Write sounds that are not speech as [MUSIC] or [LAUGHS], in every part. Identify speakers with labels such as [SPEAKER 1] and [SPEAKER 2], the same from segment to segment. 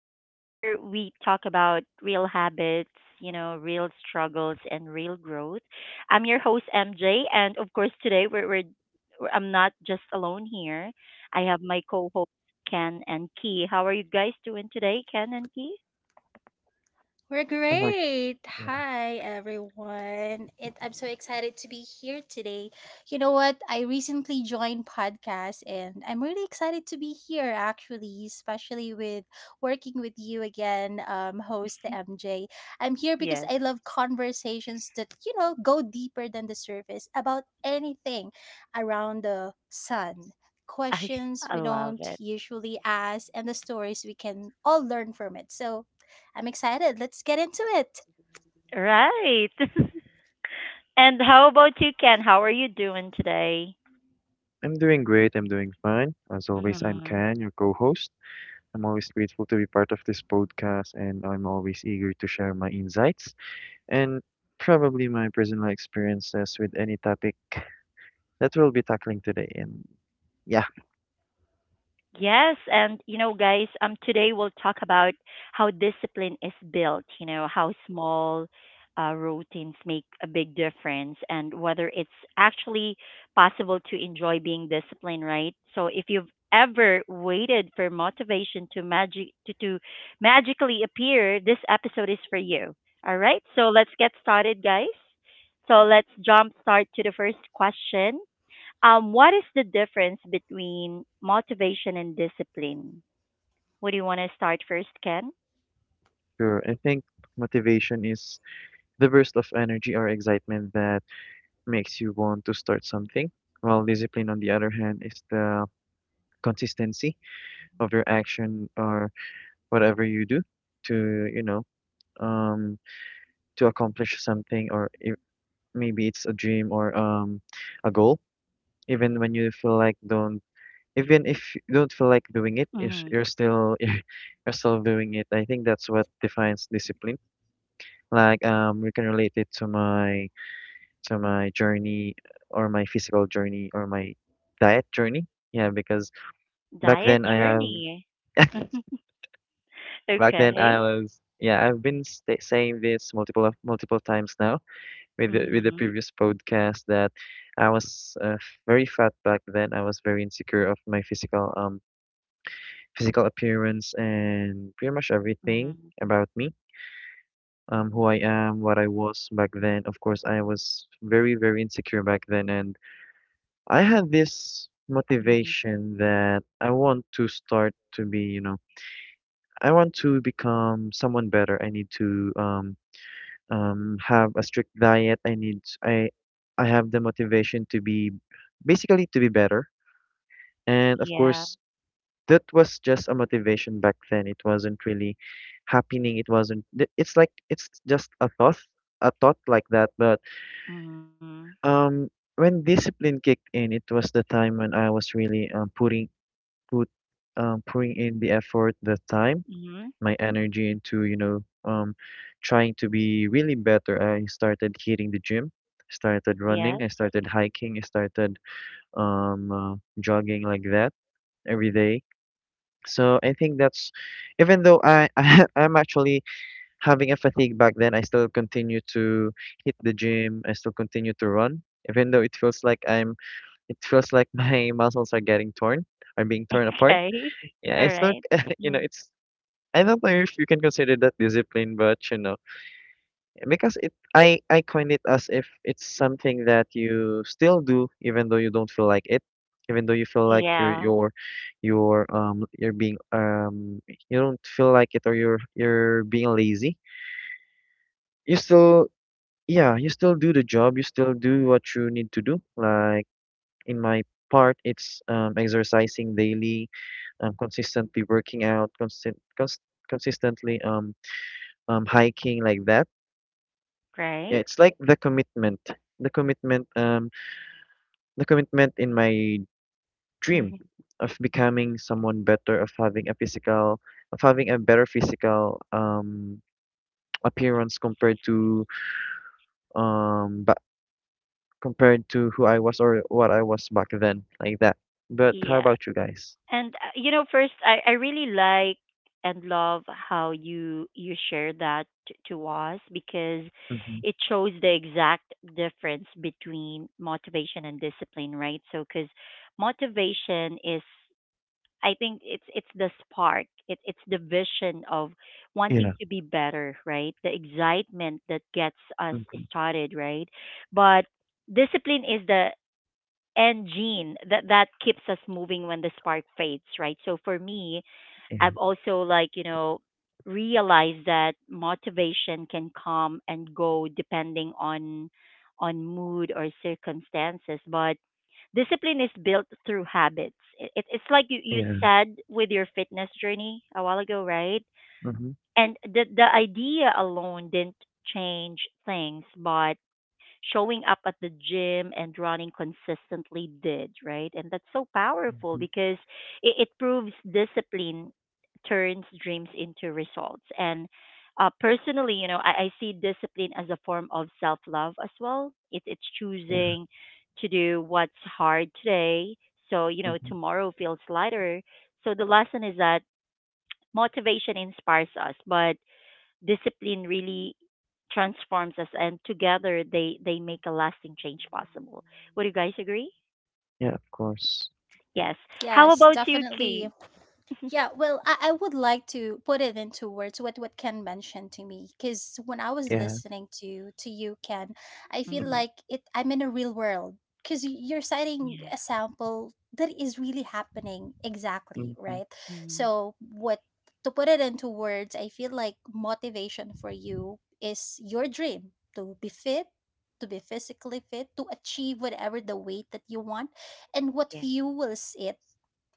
[SPEAKER 1] where we talk about real habits, you know, real struggles and real growth. I'm your host, MJ. And of course, today I'm not just alone here. I have my co host, Ken and Key. How are you guys doing today, Ken and Key?
[SPEAKER 2] We're
[SPEAKER 3] I'm like,
[SPEAKER 2] great.
[SPEAKER 3] yeah,
[SPEAKER 2] Hi, everyone. I'm so excited to be here today. You know what? I recently joined podcast and I'm really excited to be here, actually, especially with working with you again, host MJ. I'm here because
[SPEAKER 1] Yes,
[SPEAKER 2] I love conversations that go deeper than the surface about anything around the sun.
[SPEAKER 1] [LAUGHS] I,
[SPEAKER 2] Questions
[SPEAKER 1] I
[SPEAKER 2] we
[SPEAKER 1] love
[SPEAKER 2] don't
[SPEAKER 1] it.
[SPEAKER 2] usually ask, and the stories we can all learn from it. So, I'm excited. Let's get into it.
[SPEAKER 1] Right. [LAUGHS] And how about you, Ken? How are you doing today?
[SPEAKER 3] I'm doing great. I'm doing fine. As always, I'm Can, your co-host. I'm always grateful to be part of this podcast, and I'm always eager to share my insights and probably my personal experiences with any topic that we'll be tackling today. Yeah,
[SPEAKER 1] Yes, and you know, guys, today we'll talk about how discipline is built. You know, how small routines make a big difference, and whether it's actually possible to enjoy being disciplined, right? So, if you've ever waited for motivation to magically appear, this episode is for you. All right, so let's get started, guys. So let's jump start to the first question. What is the difference between motivation and discipline? Would you want to start first, Ken?
[SPEAKER 3] sure. I think motivation is the burst of energy or excitement that makes you want to start something, while discipline, on the other hand, is the consistency of your action or whatever you do to, you know um, to accomplish something, or if, maybe it's a dream or a goal. Even when you feel like don't, even if you don't feel like doing it,
[SPEAKER 1] hmm
[SPEAKER 3] you're still [LAUGHS] you're still doing it. I think that's what defines discipline. Like we can relate it to my journey or my physical journey or my diet journey. Yeah, because back
[SPEAKER 1] Diet
[SPEAKER 3] then I have
[SPEAKER 1] journey. [LAUGHS]
[SPEAKER 3] back then
[SPEAKER 1] okay.
[SPEAKER 3] I was yeah I've been sta saying this multiple times now with the
[SPEAKER 1] hmm
[SPEAKER 3] previous podcast that I was very fat back then. I was very insecure of my physical physical appearance and pretty much everything
[SPEAKER 1] hmm
[SPEAKER 3] about me, who I am, what I was back then. Of course, I was very insecure back then, and I had this
[SPEAKER 1] hmm
[SPEAKER 3] motivation that I want to start to be, you know, I want to become someone better. I need to um have a strict diet. I need I have the motivation to be basically to be better. And of
[SPEAKER 1] Yeah.
[SPEAKER 3] course, that was just a motivation back then. It wasn't really happening. It wasn't. Th- It's like it's just a thought like that. But
[SPEAKER 1] hmm
[SPEAKER 3] um, when discipline kicked in, it was the time when I was really putting put pouring in the effort, the time
[SPEAKER 1] hmm
[SPEAKER 3] my energy into, you know, trying to be really better. I started hitting the gym, started running,
[SPEAKER 1] Yes.
[SPEAKER 3] I started hiking, I started jogging like that every day. So I think that's, even though I, [LAUGHS] I'm actually having a fatigue back then, I still continue to hit the gym. I still continue to run, even though it feels like I'm. It feels like my [LAUGHS] muscles are getting torn, are being torn
[SPEAKER 1] [LAUGHS]
[SPEAKER 3] apart.
[SPEAKER 1] Okay.
[SPEAKER 3] Yeah, I
[SPEAKER 1] All
[SPEAKER 3] still,
[SPEAKER 1] right.
[SPEAKER 3] [LAUGHS] you know,
[SPEAKER 1] Mm.
[SPEAKER 3] it's I don't know if you can consider that discipline, but you know, because I coined it as if it's something that you still do even though you don't feel like it, even though you feel like
[SPEAKER 1] Yeah.
[SPEAKER 3] you're being you don't feel like it or you're being lazy. You still yeah you still do the job. You still do what you need to do. Like in my part, it's exercising daily, consistently working out, constant, cons consistently hiking like that. Yeah,
[SPEAKER 1] Right.
[SPEAKER 3] it's like the commitment, the commitment, um, the commitment in my dream
[SPEAKER 1] hmm
[SPEAKER 3] of becoming someone better, of having a physical, of having a better physical appearance compared to but compared to who I was or what I was back then, like that. But how
[SPEAKER 1] Yeah.
[SPEAKER 3] about you guys?
[SPEAKER 1] And you know, first, I really like and love how you share that to us because
[SPEAKER 3] Mm-hmm.
[SPEAKER 1] it shows the exact difference between motivation and discipline, right? So, because motivation is, I think it's the spark, it's the vision of wanting
[SPEAKER 3] Yeah.
[SPEAKER 1] to be better, right? The excitement that gets us
[SPEAKER 3] Mm-hmm.
[SPEAKER 1] started, right? But discipline is the and Gene that that keeps us moving when the spark fades, right? So for me,
[SPEAKER 3] Yeah.
[SPEAKER 1] I've also, like, you know, realized that motivation can come and go depending on mood or circumstances, but discipline is built through habits. It's like you
[SPEAKER 3] Yeah.
[SPEAKER 1] said with your fitness journey a while ago, right?
[SPEAKER 3] Mm-hmm.
[SPEAKER 1] And the idea alone didn't change things, but showing up at the gym and running consistently did, right? And that's so powerful
[SPEAKER 3] Mm-hmm.
[SPEAKER 1] because it proves discipline turns dreams into results. And personally, you know, I see discipline as a form of self love as well. It's
[SPEAKER 3] Yeah.
[SPEAKER 1] choosing to do what's hard today. So, you know,
[SPEAKER 3] Mm-hmm.
[SPEAKER 1] tomorrow feels lighter. So the lesson is that motivation inspires us, but discipline really transforms us, and together they make a lasting change possible. Would you guys agree?
[SPEAKER 3] Yeah. Of course.
[SPEAKER 1] Yes. How
[SPEAKER 2] Yes,
[SPEAKER 1] about you,
[SPEAKER 2] definitely.
[SPEAKER 1] Key?
[SPEAKER 2] Yeah, well, I would like to put it into words what Ken mentioned to me, because when I was
[SPEAKER 3] Yeah.
[SPEAKER 2] listening to you, Ken, I feel
[SPEAKER 3] Mm-hmm.
[SPEAKER 1] Mm-hmm.
[SPEAKER 2] like it. I'm in a real world because you're citing
[SPEAKER 1] Yeah.
[SPEAKER 2] a sample that is really happening exactly,
[SPEAKER 3] Mm-hmm.
[SPEAKER 2] right?
[SPEAKER 1] Mm-hmm.
[SPEAKER 2] So what to put it into words, I feel like motivation for you is your dream to be fit, to be physically fit, to achieve whatever the weight that you want, and what
[SPEAKER 1] Yeah.
[SPEAKER 2] fuels it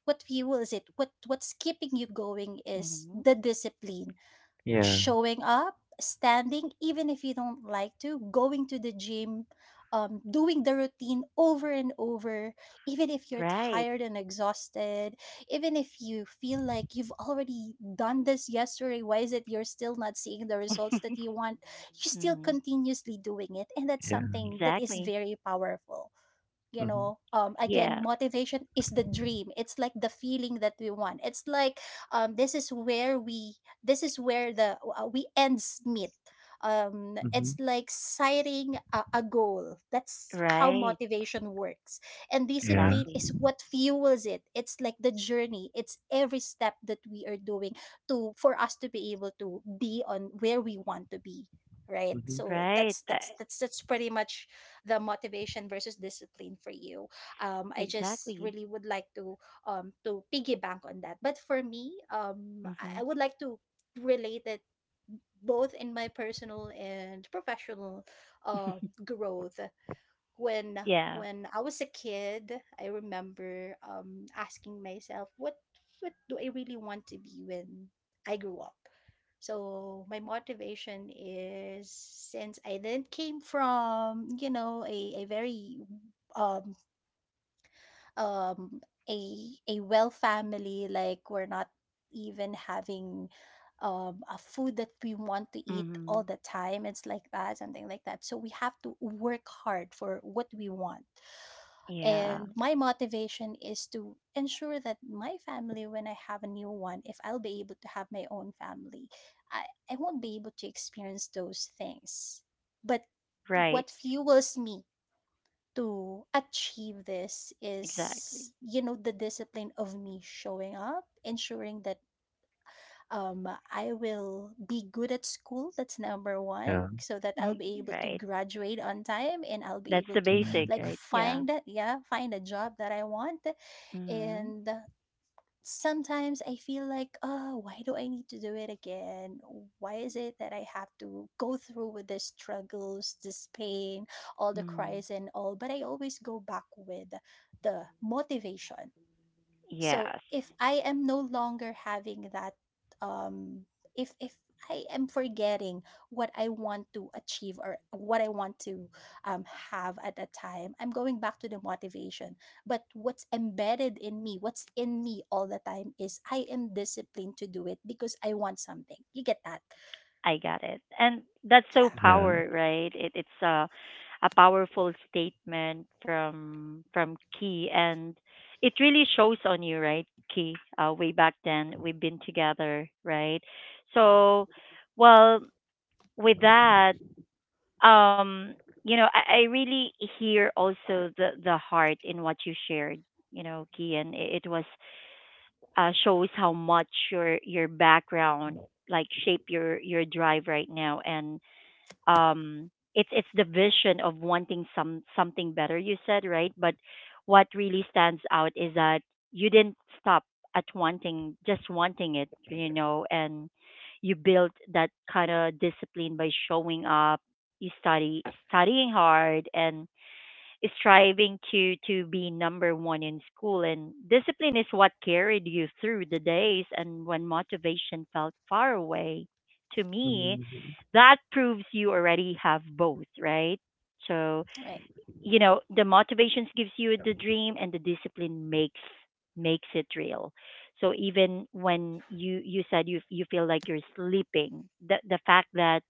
[SPEAKER 2] what fuels it what what's keeping you going is
[SPEAKER 1] Mm-hmm.
[SPEAKER 2] the discipline,
[SPEAKER 3] Yeah.
[SPEAKER 2] showing up, standing even if you don't like to, going to the gym, doing the routine over and over, even if you're
[SPEAKER 1] Right.
[SPEAKER 2] tired and exhausted, even if you feel like you've already done this yesterday, why is it you're still not seeing the results that you want? You still
[SPEAKER 1] Mm-hmm.
[SPEAKER 2] continuously doing it, and that's
[SPEAKER 3] Yeah.
[SPEAKER 2] something that is
[SPEAKER 1] Exactly.
[SPEAKER 2] very powerful. You
[SPEAKER 3] Mm-hmm.
[SPEAKER 2] know,
[SPEAKER 1] Yeah.
[SPEAKER 2] again, motivation is the dream, it's like the feeling that we want, it's like, um this is where we this is where the we ends meet. Um
[SPEAKER 3] Mm-hmm.
[SPEAKER 2] it's like sighting a goal. That's how
[SPEAKER 1] Right.
[SPEAKER 2] motivation works. And
[SPEAKER 3] Yeah.
[SPEAKER 2] discipline
[SPEAKER 1] Exactly.
[SPEAKER 2] is what fuels it. It's like the journey, it's every step that we are doing to, for us to be able to be on where we want to be, right?
[SPEAKER 3] Mm-hmm.
[SPEAKER 2] So
[SPEAKER 1] Right.
[SPEAKER 2] that's that's that's that's pretty much the motivation versus discipline for you. I just
[SPEAKER 1] Exactly.
[SPEAKER 2] really would like to piggyback on that. But for me,
[SPEAKER 1] Mm-hmm.
[SPEAKER 2] I would like to relate it, both in my personal and professional um growth. When
[SPEAKER 1] Yeah.
[SPEAKER 2] I was a kid, I remember asking myself, what do I really want to be when I grew up? So my motivation is, since I then came from, you know, a very um um a a well family, like, we're not even having a food that we want to eat all
[SPEAKER 1] Mm-hmm.
[SPEAKER 2] the time. It's like that, something like that. So we have to work hard for what we want.
[SPEAKER 1] Yeah.
[SPEAKER 2] And my motivation is to ensure that my family, when I have a new one, if I'll be able to have my own family, I won't be able to experience those things. But
[SPEAKER 1] Right.
[SPEAKER 2] what fuels me to achieve this
[SPEAKER 1] Exactly.
[SPEAKER 2] is, you know, the discipline of me showing up, ensuring that, I will be good at school. That's number one,
[SPEAKER 3] Yeah.
[SPEAKER 2] so that I'll
[SPEAKER 1] Mm.
[SPEAKER 2] be able to
[SPEAKER 1] Right.
[SPEAKER 2] graduate on time, and I'll be
[SPEAKER 1] That's
[SPEAKER 2] able
[SPEAKER 1] the
[SPEAKER 2] to
[SPEAKER 1] basic,
[SPEAKER 2] like
[SPEAKER 3] Mhm.
[SPEAKER 1] right? Yeah.
[SPEAKER 2] find that yeah, find a job that I want.
[SPEAKER 1] Mm-hmm.
[SPEAKER 2] And sometimes I feel like, oh, why do I need to do it again? Why is it that I have to go through with the struggles, this pain, all the
[SPEAKER 1] Mm-hmm.
[SPEAKER 2] cries and all? But I always go back with the motivation. So
[SPEAKER 1] Yes.
[SPEAKER 2] if I am no longer having that, um if I am forgetting what I want to achieve, or what I want to have at that time, I'm going back to the motivation. But what's embedded in me, what's in me all the time, is I am disciplined to do it because I want something. You get that?
[SPEAKER 1] I got it. And that's so
[SPEAKER 2] Yeah,
[SPEAKER 3] Yeah.
[SPEAKER 1] power, right? It's a powerful statement from Key, and it really shows on you, right, Key? Way back then, we've been together, right? So, well, with that, um, you know, I really hear also the heart in what you shared, you know, Key, and it was shows how much your background like shape your drive right now, and um, it's the vision of wanting some something better you said, right? But what really stands out is that you didn't stop at wanting just wanting it, you know. And you built that kind of discipline by showing up, you studying hard and striving to be number one in school, and discipline is what carried you through the days and when motivation felt far away. To me,
[SPEAKER 3] Mhm.
[SPEAKER 1] that proves you already have both, right? So,
[SPEAKER 2] right,
[SPEAKER 1] you know, the motivations gives you the dream, and the discipline makes it real. So even when you said you feel like you're sleeping, the fact that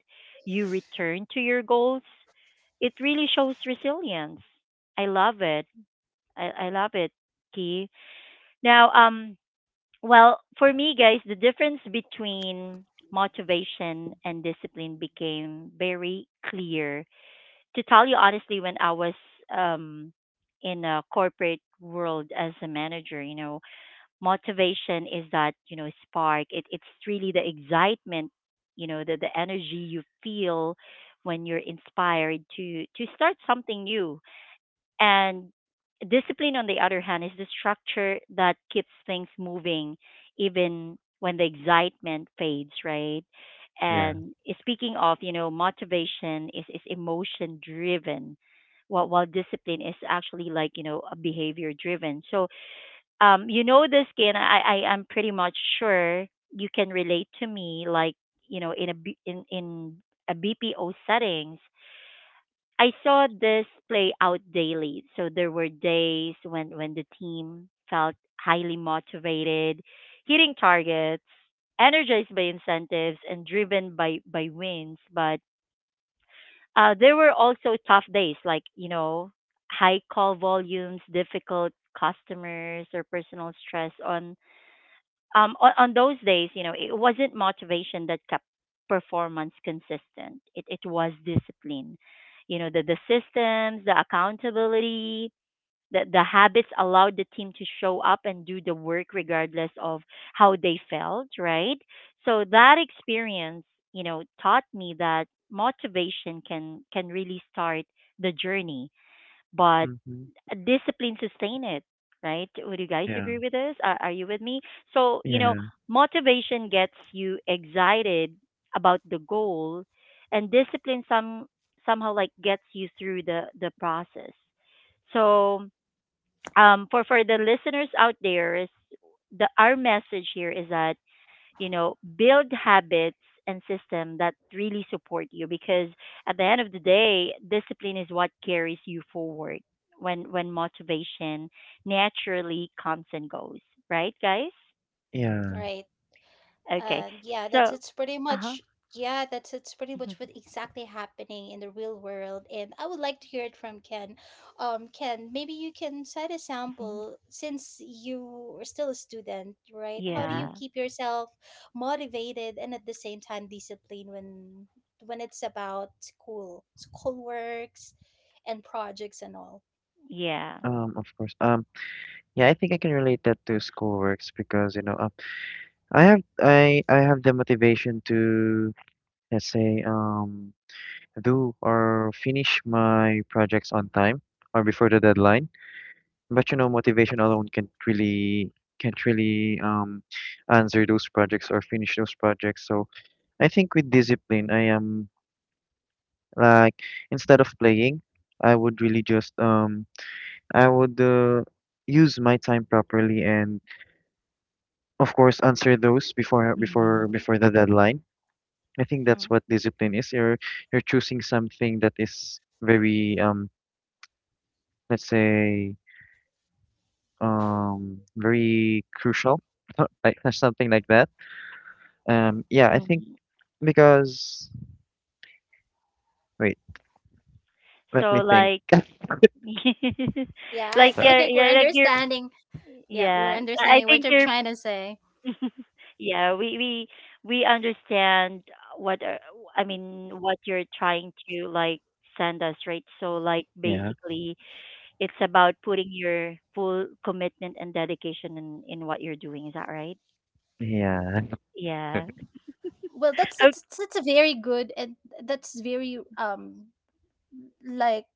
[SPEAKER 1] you return to your goals, it really shows resilience. I love it. I love it, Key. Now, well, for me, guys, the difference between motivation and discipline became very clear. To tell you honestly, when I was um, in a corporate world as a manager, you know, motivation is that, you know, spark. It's really the excitement, you know, the energy you feel when you're inspired to start something new, and discipline, on the other hand, is the structure that keeps things moving even when the excitement fades, right?
[SPEAKER 3] Yeah.
[SPEAKER 1] And speaking of, you know, is emotion driven, while discipline is actually, like, you know, a behavior driven. So, you know, this, Ken, I'm pretty much sure you can relate to me, like, you know, in a BPO settings, I saw this play out daily. So there were days when the team felt highly motivated, hitting targets, energized by incentives, and driven by wins. But there were also tough days, like, you know, high call volumes, difficult customers, or personal stress on on those days. You know, it wasn't motivation that kept performance consistent. It was discipline. You know, the systems, the accountability, the habits allowed the team to show up and do the work regardless of how they felt, right? So that experience, you know, taught me that motivation can really start the journey, but
[SPEAKER 3] Mhm.
[SPEAKER 1] a discipline sustain it, right? Would you guys
[SPEAKER 3] Yeah.
[SPEAKER 1] agree with this? Are you with me? So, you know,
[SPEAKER 3] Yeah.
[SPEAKER 1] motivation gets you excited about the goal, and discipline somehow like gets you through the process. So, for the listeners out there, is the our message here is that, you know, build habits and system that really support you, because at the end of the day, discipline is what carries you forward when motivation naturally comes and goes, right, guys?
[SPEAKER 3] Yeah.
[SPEAKER 2] right.
[SPEAKER 1] Okay.
[SPEAKER 2] And
[SPEAKER 1] So,
[SPEAKER 2] yeah,
[SPEAKER 1] uh-huh.
[SPEAKER 2] that's it's pretty much
[SPEAKER 1] Mhm.
[SPEAKER 2] what exactly happening in the real world. And I would like to hear it from Ken. Ken, maybe you can set a
[SPEAKER 1] Mhm.
[SPEAKER 2] sample, since you are still a student, right? How do
[SPEAKER 3] Mm-hmm.
[SPEAKER 2] you
[SPEAKER 1] Yeah.
[SPEAKER 2] keep yourself motivated and at the same time disciplined when it's about school, school works and projects and all?
[SPEAKER 1] Yeah.
[SPEAKER 3] Of course. Yeah, I think I can relate that to schoolworks because, you know, I have the motivation to, let's say, do or finish my projects on time or before the deadline. But you know, motivation alone can't really answer those projects or finish those projects. So I think with discipline, I am like instead of playing, I would really just I would use my time properly and of course answer those
[SPEAKER 1] hmm
[SPEAKER 3] before the deadline. I think that's
[SPEAKER 2] Mm.
[SPEAKER 3] what discipline is. You're choosing something that is very let's say very crucial [LAUGHS] like something like that. Yeah, I think
[SPEAKER 1] hmm
[SPEAKER 3] because wait, let
[SPEAKER 1] So
[SPEAKER 3] me think.
[SPEAKER 1] like [LAUGHS]
[SPEAKER 2] Yeah, I,
[SPEAKER 1] like
[SPEAKER 3] Uh,
[SPEAKER 2] I
[SPEAKER 1] yeah,
[SPEAKER 2] think we're
[SPEAKER 1] yeah like you're
[SPEAKER 2] understanding. Yeah, we're
[SPEAKER 1] yeah, I
[SPEAKER 2] understanding what
[SPEAKER 1] think
[SPEAKER 2] you're
[SPEAKER 1] you're
[SPEAKER 2] trying to say.
[SPEAKER 1] [LAUGHS] Yeah, we we understand what I mean what you're trying to like send us, right? So like
[SPEAKER 3] yeah,
[SPEAKER 1] basically it's about putting your full commitment and dedication in what you're doing. Is that right?
[SPEAKER 3] yeah,
[SPEAKER 1] Yeah.
[SPEAKER 2] Well, that's
[SPEAKER 1] [LAUGHS]
[SPEAKER 2] that's
[SPEAKER 1] Okay.
[SPEAKER 2] that's a very good, and that's very, like,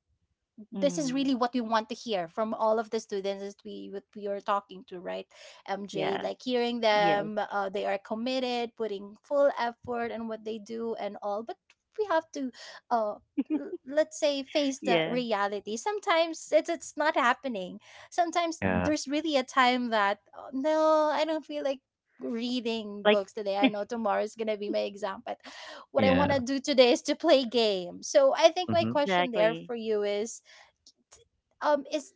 [SPEAKER 2] this is
[SPEAKER 1] Mm,
[SPEAKER 2] really what we want to hear from all of the students that we, what we are talking to, right? MJ,
[SPEAKER 1] yeah.
[SPEAKER 2] like, hearing
[SPEAKER 1] Yes.
[SPEAKER 2] them, they are committed, putting full effort and what they do and all, but we have to, uh let's say, face the
[SPEAKER 1] Yeah.
[SPEAKER 2] reality. Sometimes it's not happening. Sometimes
[SPEAKER 3] [LAUGHS] yeah,
[SPEAKER 2] there's really a time that, "Oh, no, I don't feel like reading
[SPEAKER 1] Like
[SPEAKER 2] books today, I know tomorrow is gonna be my exam, but what I
[SPEAKER 3] yeah,
[SPEAKER 2] want to do today is to play game." So I think my
[SPEAKER 3] mm-hmm,
[SPEAKER 1] [LAUGHS]
[SPEAKER 2] question there
[SPEAKER 1] exactly.
[SPEAKER 2] for you is, um is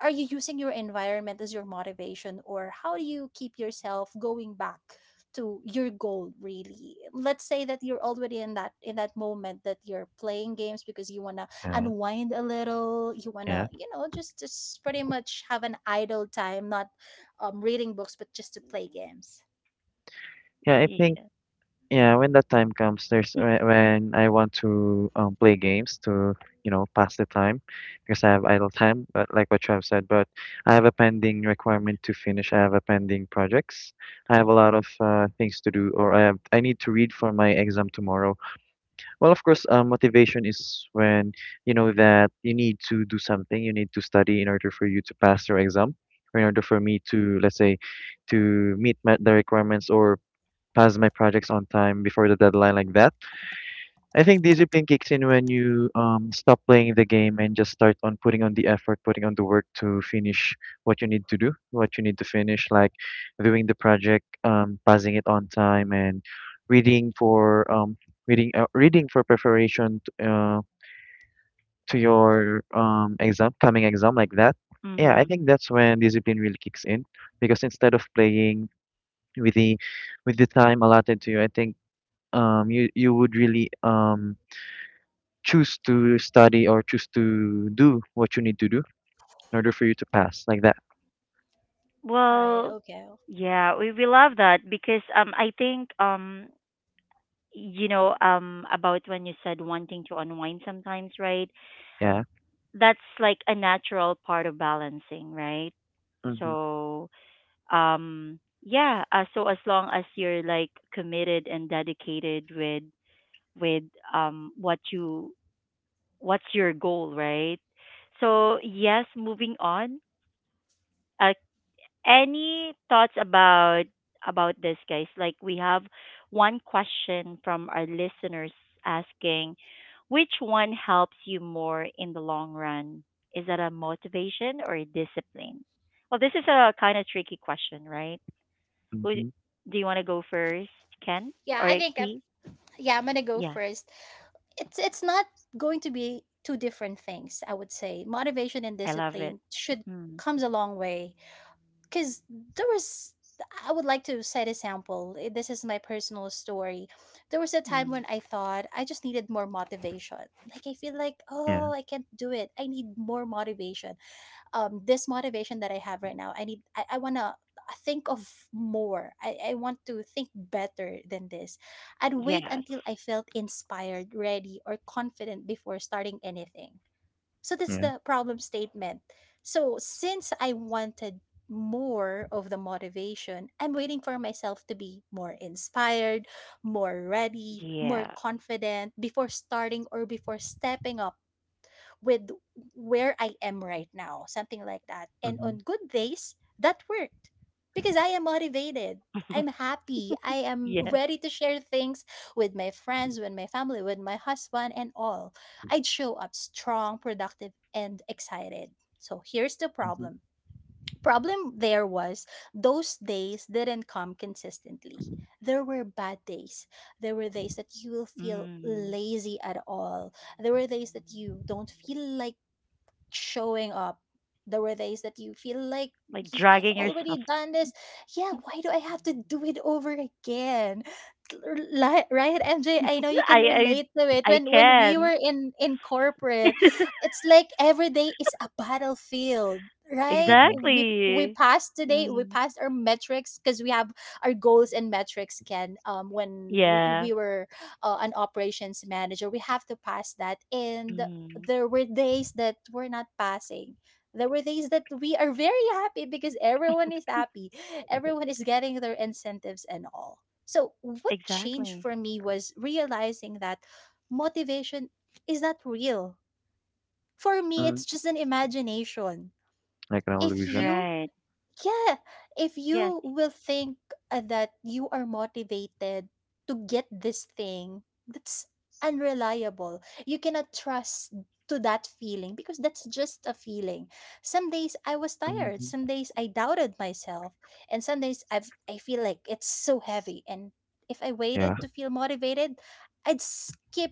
[SPEAKER 2] are you using your environment as your motivation, or how do you keep yourself going back to your goal, really? Let's say that you're already in that, moment that you're playing games because you want to
[SPEAKER 3] yeah,
[SPEAKER 2] unwind a little, you want to,
[SPEAKER 3] yeah,
[SPEAKER 2] you know, just pretty much have an idle time, not, reading books, but just to play games,
[SPEAKER 3] yeah. I think
[SPEAKER 1] Yeah.
[SPEAKER 3] yeah, when that time comes, when I want to play games to you know pass the time because I have idle time, but like what Trav said, but I have a pending requirement to finish. I have a pending projects. I have a lot of things to do, or I need to read for my exam tomorrow. Well, of course, motivation is when you know that you need to do something, you need to study in order for you to pass your exam, or in order for me to, let's say, to meet my, the requirements or pass my projects on time before the deadline, like that. I think discipline kicks in when you stop playing the game and just start on putting on the effort, putting on the work to finish what you need to do, what you need to finish, like doing the project, passing it on time, and reading for reading for preparation to your exam, coming exam, like that. Yeah, I
[SPEAKER 1] Mhm.
[SPEAKER 3] think that's when discipline really kicks in because instead of playing with the with the time allotted to you, I think you would really choose to study or choose to do what you need to do in order for you to pass like that.
[SPEAKER 2] right?
[SPEAKER 1] Well,
[SPEAKER 2] Okay.
[SPEAKER 1] yeah, we love that because, um, I think, um, you know, um, about when you said wanting to unwind sometimes, right?
[SPEAKER 3] Yeah,
[SPEAKER 1] That's like a natural part of balancing, right?
[SPEAKER 3] mm-hmm,
[SPEAKER 1] So, um, yeah, so as long as you're like committed and dedicated with what you what's your goal, right? So yes, moving on. Uh, Any thoughts about this, guys? Like we have one question from our listeners asking, which one helps you more in the long run? Is that a motivation or a discipline? Well, this is a kind of tricky question, right? Who
[SPEAKER 3] mm-hmm,
[SPEAKER 1] do you want to go first, Ken
[SPEAKER 2] yeah i
[SPEAKER 1] or
[SPEAKER 2] think i
[SPEAKER 1] Key?
[SPEAKER 2] yeah, I'm gonna go
[SPEAKER 1] Yeah,
[SPEAKER 2] first. It's not going to be two different things. I would say motivation and
[SPEAKER 1] I love it.
[SPEAKER 2] discipline should
[SPEAKER 1] Mm,
[SPEAKER 2] comes a long way, because there was, I would like to set a sample. Eh, this is my personal story. There was a
[SPEAKER 1] mm.
[SPEAKER 2] time when I thought I just needed more motivation, like I feel like,
[SPEAKER 3] yeah,
[SPEAKER 2] oh I can't do it, I need more motivation. This motivation that I have right now, I want to think of more, I want to think better than this. I'd wait
[SPEAKER 1] Yes.
[SPEAKER 2] until I felt inspired, ready, or confident before starting anything. So that's
[SPEAKER 3] yeah,
[SPEAKER 2] the problem statement. So, since I wanted more of the motivation, I'm waiting for myself to be more inspired, more ready, more
[SPEAKER 1] Yeah.
[SPEAKER 2] confident before starting, or before stepping up with where I am right now, something like that. And
[SPEAKER 3] mm-hmm,
[SPEAKER 2] on good days, that worked because I am motivated.
[SPEAKER 1] [LAUGHS]
[SPEAKER 2] I'm happy. I am
[SPEAKER 1] yes.
[SPEAKER 2] ready to share things with my friends, with my family, with my husband, and all. I'd show up strong, productive, and excited. So here's the
[SPEAKER 3] mm-hmm,
[SPEAKER 2] problem. Problem there was, those days didn't come consistently. There were bad days. There were days that you will feel
[SPEAKER 1] Mm.
[SPEAKER 2] lazy at all. There were days that you don't feel like showing up. There were days that you feel like,
[SPEAKER 1] Like
[SPEAKER 2] "Ye- I've
[SPEAKER 1] dragging
[SPEAKER 2] already
[SPEAKER 1] yourself.
[SPEAKER 2] done this. Yeah, why do I have to do it over again?" Right, mj, I know you
[SPEAKER 1] I
[SPEAKER 2] can
[SPEAKER 1] I
[SPEAKER 2] relate to it,
[SPEAKER 1] I
[SPEAKER 2] when we
[SPEAKER 1] can.
[SPEAKER 2] were in corporate.
[SPEAKER 1] [LAUGHS]
[SPEAKER 2] It's like every day is a battlefield, right?
[SPEAKER 3] mm-hmm,
[SPEAKER 2] We
[SPEAKER 1] Exactly.
[SPEAKER 2] passed today, we
[SPEAKER 1] Mm.
[SPEAKER 2] passed our metrics, because we have our goals and metrics can, when we
[SPEAKER 1] Yeah.
[SPEAKER 2] we were, an operations manager, we have to pass that. And
[SPEAKER 1] Mm.
[SPEAKER 2] there were days that we're not passing. There were days that we are very happy because everyone is happy. Everyone is getting their incentives and all. So, what changed
[SPEAKER 1] Exactly.
[SPEAKER 2] for me was realizing that motivation is not real. For me, it's
[SPEAKER 3] mm,
[SPEAKER 2] just an imagination.
[SPEAKER 3] like an
[SPEAKER 2] If
[SPEAKER 3] illusion.
[SPEAKER 2] you
[SPEAKER 1] Right.
[SPEAKER 2] Yeah, if
[SPEAKER 1] Yes.
[SPEAKER 2] you will think, that you are motivated to get this thing, that's unreliable. You cannot trust to that feeling because that's just a feeling. Some days I was tired,
[SPEAKER 3] Mm-hmm,
[SPEAKER 2] some days I doubted myself, and some days I feel like it's so heavy. And if I
[SPEAKER 3] yeah,
[SPEAKER 2] waited to feel motivated, I'd skip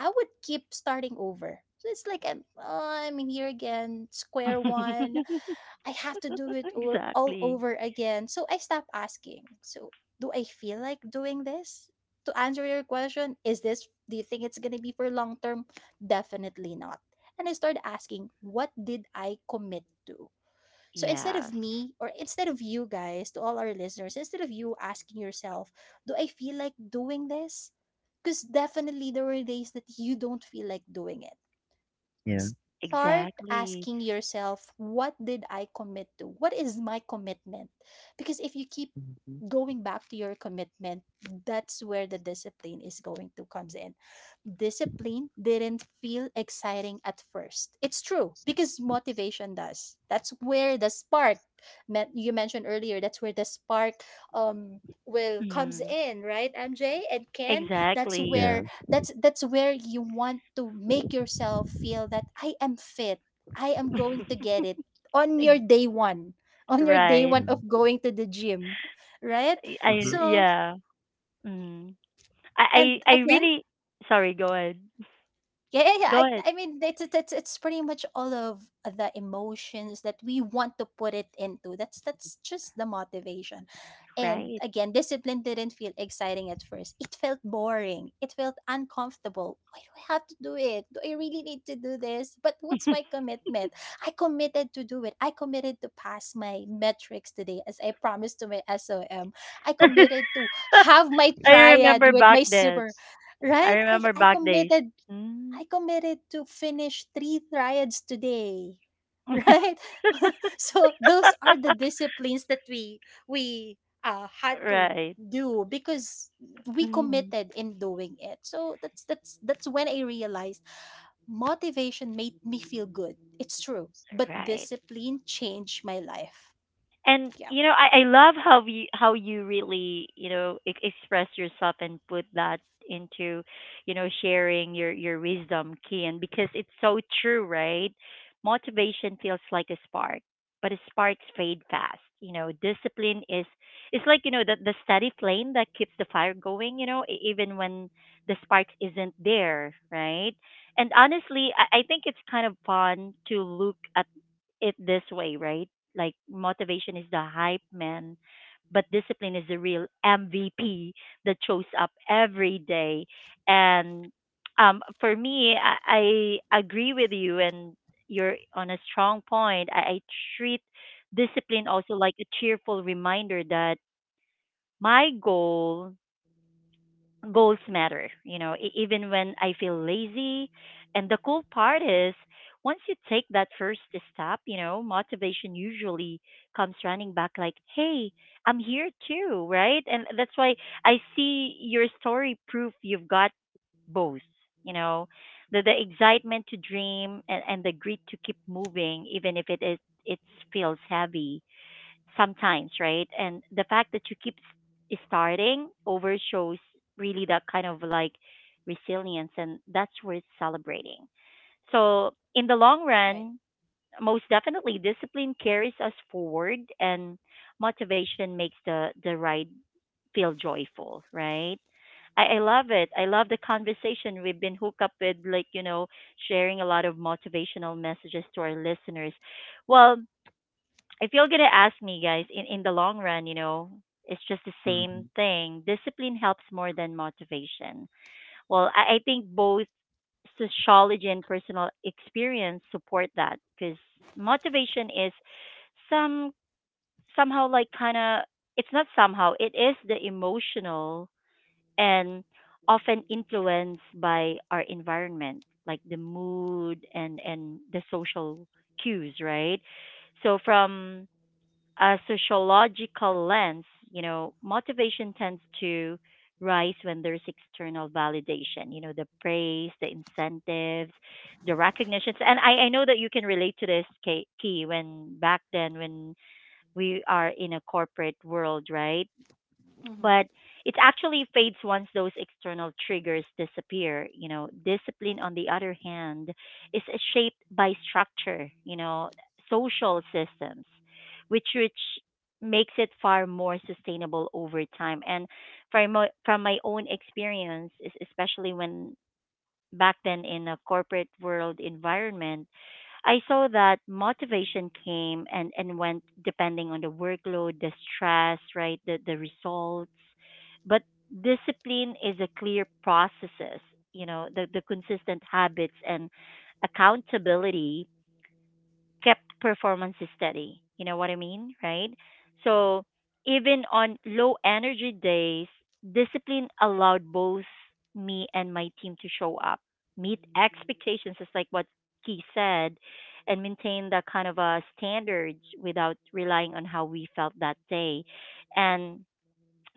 [SPEAKER 2] I would keep starting over. So it's like, I'm, oh, I'm here again, square one.
[SPEAKER 1] [LAUGHS]
[SPEAKER 2] I have to do it, or all
[SPEAKER 1] Exactly.
[SPEAKER 2] over again. So I stopped asking. So, do I feel like doing this? To answer your question, is this, do you think it's gonna be for long term? Definitely not. And I started asking, what did I commit to? So, instead
[SPEAKER 1] Yes.
[SPEAKER 2] of me, or instead of you guys, to all our listeners, instead of you asking yourself, do I feel like doing this? Because definitely there were days that you don't feel like doing it.
[SPEAKER 3] yeah,
[SPEAKER 2] Start
[SPEAKER 1] Exactly.
[SPEAKER 2] asking yourself, what did I commit to, what is my commitment? Because if you keep
[SPEAKER 3] mhm,
[SPEAKER 2] going back to your commitment, that's where the discipline is going to comes in. Discipline didn't feel exciting at first. It's true, because motivation does. That's where the spark met you mentioned earlier, that's where the spark, um will comes
[SPEAKER 1] Mm.
[SPEAKER 2] in, right, mj and ken? That's
[SPEAKER 1] Exactly.
[SPEAKER 3] yeah,
[SPEAKER 2] where that's where you want to make yourself feel that I am fit, I am going to get it on your
[SPEAKER 1] Ex-
[SPEAKER 2] day one,
[SPEAKER 1] Right.
[SPEAKER 3] yeah,
[SPEAKER 2] of going to the gym, right?
[SPEAKER 3] mm-hmm,
[SPEAKER 2] So,
[SPEAKER 1] Yeah. Mm.
[SPEAKER 2] and
[SPEAKER 1] I I
[SPEAKER 2] again,
[SPEAKER 1] really sorry, go ahead.
[SPEAKER 2] yeah, yeah, yeah.
[SPEAKER 1] Go ahead.
[SPEAKER 2] I mean, it's pretty much all of the emotions that we want to put it into. That's just the motivation. And
[SPEAKER 1] Right.
[SPEAKER 2] again, discipline didn't feel exciting at first. It felt boring. It felt uncomfortable. Why do I have to do it? Do I really need to do this? But what's my
[SPEAKER 1] [LAUGHS]
[SPEAKER 2] commitment? I committed to do it. I committed to pass my metrics today, as I promised to my SOM. I committed to have my
[SPEAKER 1] I
[SPEAKER 2] triad
[SPEAKER 1] remember
[SPEAKER 2] with
[SPEAKER 1] back
[SPEAKER 2] my
[SPEAKER 1] then.
[SPEAKER 2] super,
[SPEAKER 1] I
[SPEAKER 2] right? I,
[SPEAKER 1] remember
[SPEAKER 2] I
[SPEAKER 1] back days.
[SPEAKER 2] committed.
[SPEAKER 1] Mm.
[SPEAKER 2] I committed to finish three triads today. [LAUGHS]
[SPEAKER 1] [LAUGHS]
[SPEAKER 2] Right? [LAUGHS] So those are the
[SPEAKER 1] [LAUGHS]
[SPEAKER 2] disciplines that we had to
[SPEAKER 1] Right.
[SPEAKER 2] do because we
[SPEAKER 1] Mhm.
[SPEAKER 2] committed in doing it. So that's when I realized motivation made me feel good. It's true. But
[SPEAKER 1] Right.
[SPEAKER 2] discipline changed my life.
[SPEAKER 1] And
[SPEAKER 2] Yeah.
[SPEAKER 1] you know, I love how you really, you know, e- express yourself and put that into, you know, sharing your wisdom, Kian, because it's so true, right? Motivation feels like a spark, but a sparks fade fast. You know, discipline is it's like, you know, the steady flame that keeps the fire going. You know, e- even when the spark isn't there, right? And honestly, I think it's kind of fun to look at it this way, right? Like motivation is the hype man, but discipline is the real MVP that shows up every day. And for me, I agree with you, and you're on a strong point. I treat discipline also like a cheerful reminder that my goal goals matter, you know, e- even when I feel lazy. And the cool part is, once you take that first step, you know, motivation usually comes running back like, hey, I'm here too, right? And that's why I see your story proof you've got both, you know, the excitement to dream and the grit to keep moving, even if it feels heavy sometimes, right? And the fact that you keep s- starting over shows really that kind of like resilience, and that's worth celebrating. So, in the long
[SPEAKER 2] Right.
[SPEAKER 1] run, most definitely, discipline carries us forward, and motivation makes the ride feel joyful, right? I love it. I love the conversation we've been hooked up with, like, you know, sharing a lot of motivational messages to our listeners. Well, if you're gonna ask me guys in the long run, you know, it's just the
[SPEAKER 3] mm-hmm,
[SPEAKER 1] same thing. Discipline helps more than motivation. I think both sociology and personal experience support that because motivation is some somehow like kind of it's not somehow it is the emotional and often influenced by our environment, like the mood and the social cues, right? So from a sociological lens, you know, motivation tends to rise when there's external validation, you know, the praise, the incentives, the recognitions. And I know that you can relate to this, Key, when back then, when we are in a corporate world, right?
[SPEAKER 2] Hmm.
[SPEAKER 1] But it actually fades once those external triggers disappear. You know, discipline, on the other hand, is shaped by structure, you know, social systems, which makes it far more sustainable over time. And from my own experience, especially when back then in a corporate world environment, I saw that motivation came and went depending on the workload, the stress, right, the results. But discipline is a clear processes, you know, the consistent habits and accountability kept performance steady. You know what I mean, right? So even on low energy days, discipline allowed both me and my team to show up, meet expectations, just like what Key said, and maintain that kind of a standards without relying on how we felt that day. And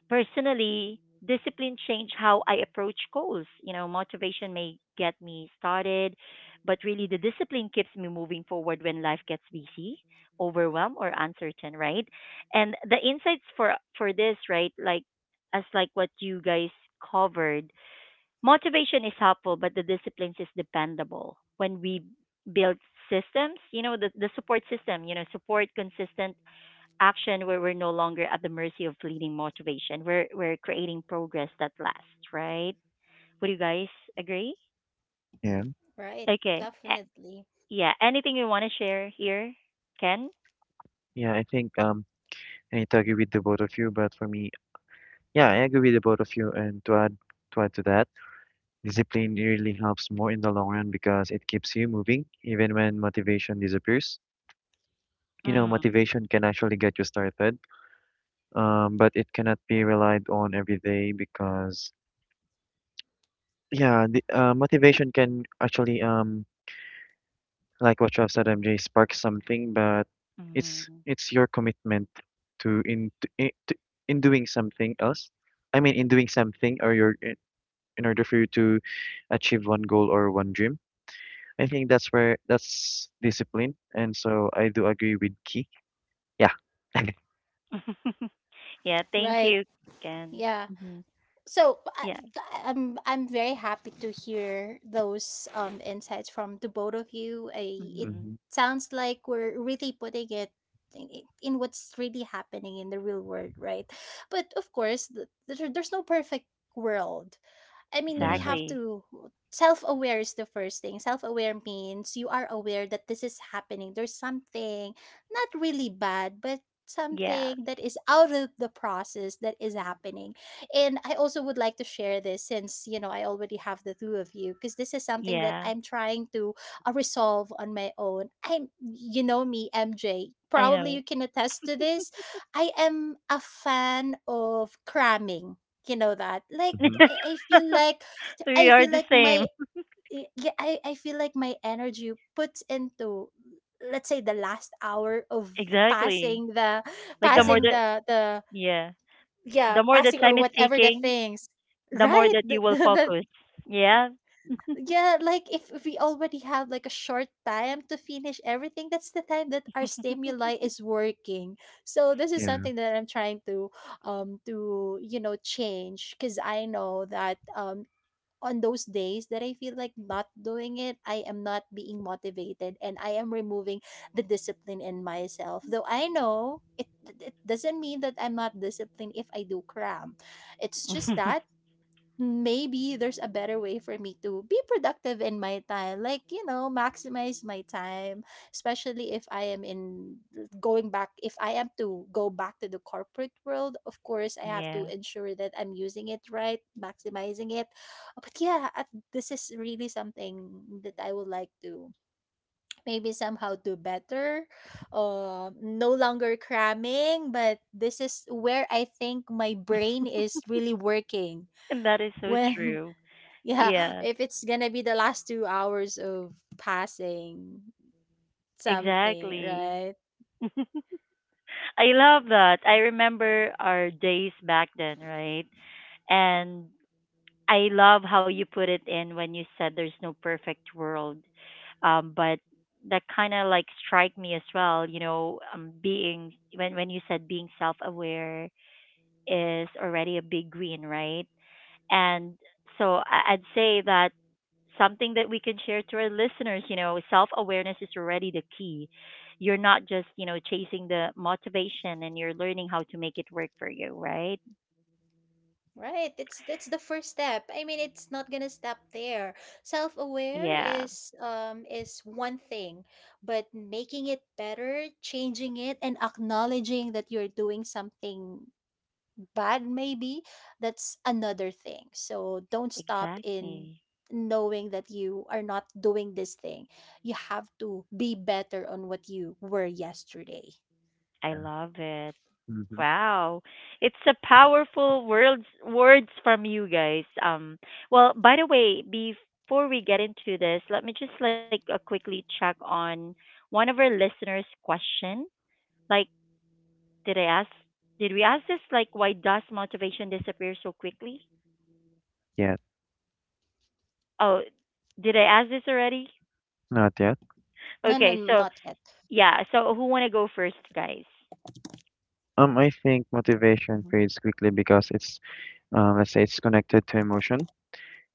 [SPEAKER 1] personally, discipline changed how I approach goals. You know, motivation may get me started, but really the discipline keeps me moving forward when life gets busy, overwhelmed or uncertain, right? And the insights for this, right, like as like what you guys covered, motivation is helpful, but the disciplines is dependable. When we build systems, you know, the support system, you know, support consistent action where we're no longer at the mercy of fleeting motivation. We're creating progress that lasts, right? Would you guys agree?
[SPEAKER 3] yeah,
[SPEAKER 2] Right.
[SPEAKER 1] Okay.
[SPEAKER 2] Definitely.
[SPEAKER 1] Yeah. Anything you want to share here, Ken?
[SPEAKER 3] yeah, I think I need to agree with the both of you but for me yeah I agree with the both of you and to add to that discipline really helps more in the long run because it keeps you moving even when motivation disappears. You know
[SPEAKER 1] Mm.
[SPEAKER 3] motivation can actually get you started, but it cannot be relied on every day because yeah, the motivation can actually like what you have said, MJ, spark something, but
[SPEAKER 1] Mm.
[SPEAKER 3] it's your commitment to, in doing something else. I mean, in doing something or your in order for you to achieve one goal or one dream. I think that's where that's discipline, and so I do agree with Key. Yeah. [LAUGHS]
[SPEAKER 1] [LAUGHS] Yeah. Thank
[SPEAKER 2] Right.
[SPEAKER 1] you, Ken.
[SPEAKER 2] Yeah.
[SPEAKER 1] Hmm.
[SPEAKER 2] so I,
[SPEAKER 1] Yeah.
[SPEAKER 2] I'm very happy to hear those insights from the both of you. I, it
[SPEAKER 1] Hmm.
[SPEAKER 3] hmm
[SPEAKER 2] sounds like we're really putting it in what's really happening in the real world, right? But of course, there's no perfect world. I mean, we
[SPEAKER 3] Yeah.
[SPEAKER 2] have
[SPEAKER 1] Exactly.
[SPEAKER 2] to. Self-aware is the first thing. Self-aware means you are aware that this is happening. There's something not really bad, but
[SPEAKER 1] Yeah.
[SPEAKER 2] something that is out of the process that is happening. And I also would like to share this since, you know, I already have the two of you because this is something that
[SPEAKER 1] Yeah.
[SPEAKER 2] I'm trying to resolve on my own. I'm, you know me, MJ.
[SPEAKER 1] I
[SPEAKER 2] Probably
[SPEAKER 1] know.
[SPEAKER 2] you can attest to this. I am a fan of cramming. You know that. Like
[SPEAKER 3] hmm
[SPEAKER 1] [LAUGHS]
[SPEAKER 2] I feel like
[SPEAKER 1] We
[SPEAKER 2] I
[SPEAKER 1] are
[SPEAKER 2] feel
[SPEAKER 1] the
[SPEAKER 2] like my
[SPEAKER 1] same.
[SPEAKER 2] I feel like my energy puts into, let's say, the last hour of
[SPEAKER 1] Exactly.
[SPEAKER 2] passing the
[SPEAKER 1] Like the more
[SPEAKER 3] Yeah.
[SPEAKER 2] passing
[SPEAKER 1] the
[SPEAKER 2] the the
[SPEAKER 1] Yeah,
[SPEAKER 2] yeah
[SPEAKER 1] the more the
[SPEAKER 2] passing or
[SPEAKER 1] time is
[SPEAKER 2] whatever the
[SPEAKER 1] taking,
[SPEAKER 2] things,
[SPEAKER 1] the more
[SPEAKER 2] right? [LAUGHS]
[SPEAKER 1] that
[SPEAKER 2] the,
[SPEAKER 1] you will
[SPEAKER 2] the, the,
[SPEAKER 1] focus. Yeah.
[SPEAKER 2] yeah like if we already have like a short time to finish everything, that's the time that our stimuli is working. So this is
[SPEAKER 3] Yeah.
[SPEAKER 2] something that I'm trying to you know, change because I know that on those days that I feel like not doing it, I am not being motivated and I am removing the discipline in myself. Though I know it, it doesn't mean that I'm not disciplined if I do cram. It's just that
[SPEAKER 1] [LAUGHS]
[SPEAKER 2] maybe there's a better way for me to be productive in my time, like, you know, maximize my time, especially if I am in, going back, if I am to go back to the corporate world, of course I have to
[SPEAKER 1] Yeah.
[SPEAKER 2] ensure that I'm using it right, maximizing it. But yeah, at, this is really something that I would like to maybe somehow do better. No longer cramming, but this is where I think my brain is really working.
[SPEAKER 1] And that is
[SPEAKER 2] [LAUGHS]
[SPEAKER 1] so
[SPEAKER 2] When,
[SPEAKER 1] true.
[SPEAKER 2] yeah, [LAUGHS]
[SPEAKER 1] Yeah.
[SPEAKER 2] if it's gonna be the last 2 hours of passing something,
[SPEAKER 1] Exactly.
[SPEAKER 2] right?
[SPEAKER 1] [LAUGHS] I love that. I remember our days back then, right? And I love how you put it in when you said there's no perfect world. But that kind of like strike me as well, you know, being when you said being self-aware is already a big win, right? And so I'd say that something that we can share to our listeners, you know, self awareness is already the key. You're not just, you know, chasing the motivation and you're learning how to make it work for you, right?
[SPEAKER 2] Right, it's, that's the first step. I mean, it's not gonna stop there. Self-aware
[SPEAKER 1] Yeah,
[SPEAKER 2] is one thing, but making it better, changing it, and acknowledging that you're doing something bad maybe, that's another thing. So don't stop in
[SPEAKER 1] exactly.
[SPEAKER 2] knowing that you are not doing this thing. You have to be better on what you were yesterday.
[SPEAKER 1] I
[SPEAKER 3] Yeah.
[SPEAKER 1] love it.
[SPEAKER 3] hmm
[SPEAKER 1] Wow. It's a powerful words from you guys. Well, by the way, before we get into this, let me just like quickly check on one of our listeners question. Like, did I ask? Did we ask this? Like, why does motivation disappear so quickly?
[SPEAKER 3] Yeah.
[SPEAKER 1] Oh, did I ask this already?
[SPEAKER 3] Not yet.
[SPEAKER 2] No,
[SPEAKER 1] Okay, so
[SPEAKER 2] not yet.
[SPEAKER 1] yeah, so who wanna go first, guys?
[SPEAKER 3] I think motivation
[SPEAKER 1] Mm-hmm.
[SPEAKER 3] fades quickly because it's, let's say it's connected to emotion,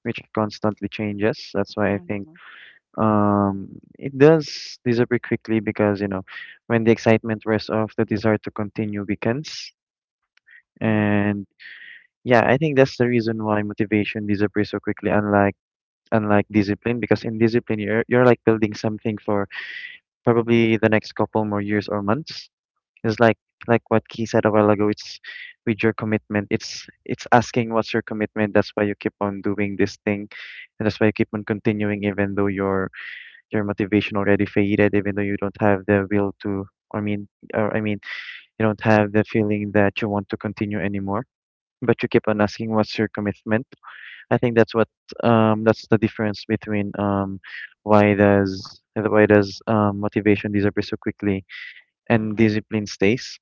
[SPEAKER 3] which constantly changes. That's why I think um, it does disappear quickly because, you know, when the excitement wears off, the desire to continue weakens.
[SPEAKER 1] Mm-hmm.
[SPEAKER 3] And yeah, I think that's the reason why motivation disappears so quickly, unlike discipline, because in discipline you're like building something for probably the next couple more years or months. It's like what Key said a while ago. It's with your commitment. It's asking what's your commitment. That's why you keep on doing this thing, and that's why you keep on continuing even though your motivation already faded, even though you don't have the will to. I mean, or I mean, you don't have the feeling that you want to continue anymore. But you keep on asking what's your commitment. I think that's what that's the difference between why does motivation disappear so quickly and discipline stays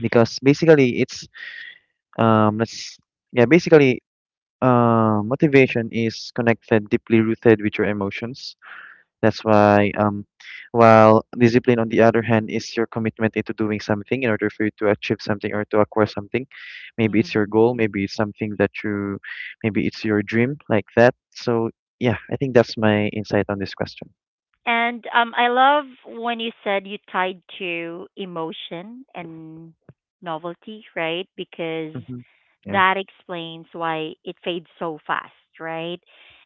[SPEAKER 3] because basically it's let's yeah basically motivation is connected deeply rooted with your emotions. That's why um, while discipline on the other hand is your commitment into doing something in order for you to achieve something or to acquire something. Maybe it's your
[SPEAKER 1] Mm-hmm.
[SPEAKER 3] goal, maybe it's something that you, maybe it's your dream like that. So yeah, I think that's my insight on this question.
[SPEAKER 1] And I love when you said you tied to emotion and novelty, right? Because
[SPEAKER 3] Hmm, yeah,
[SPEAKER 1] that explains why it fades so fast, right?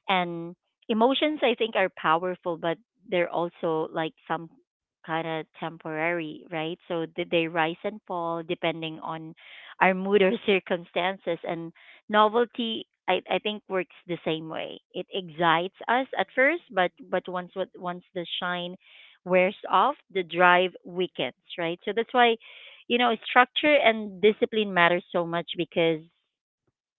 [SPEAKER 1] And emotions, I think, are powerful, but they're also like some kind of temporary, right? So they rise and fall depending on our mood or [LAUGHS] circumstances. And novelty, I think, works the same way. It excites us at first, but once the shine wears off, the drive weakens, right? So that's why, you know, structure and discipline matter so much because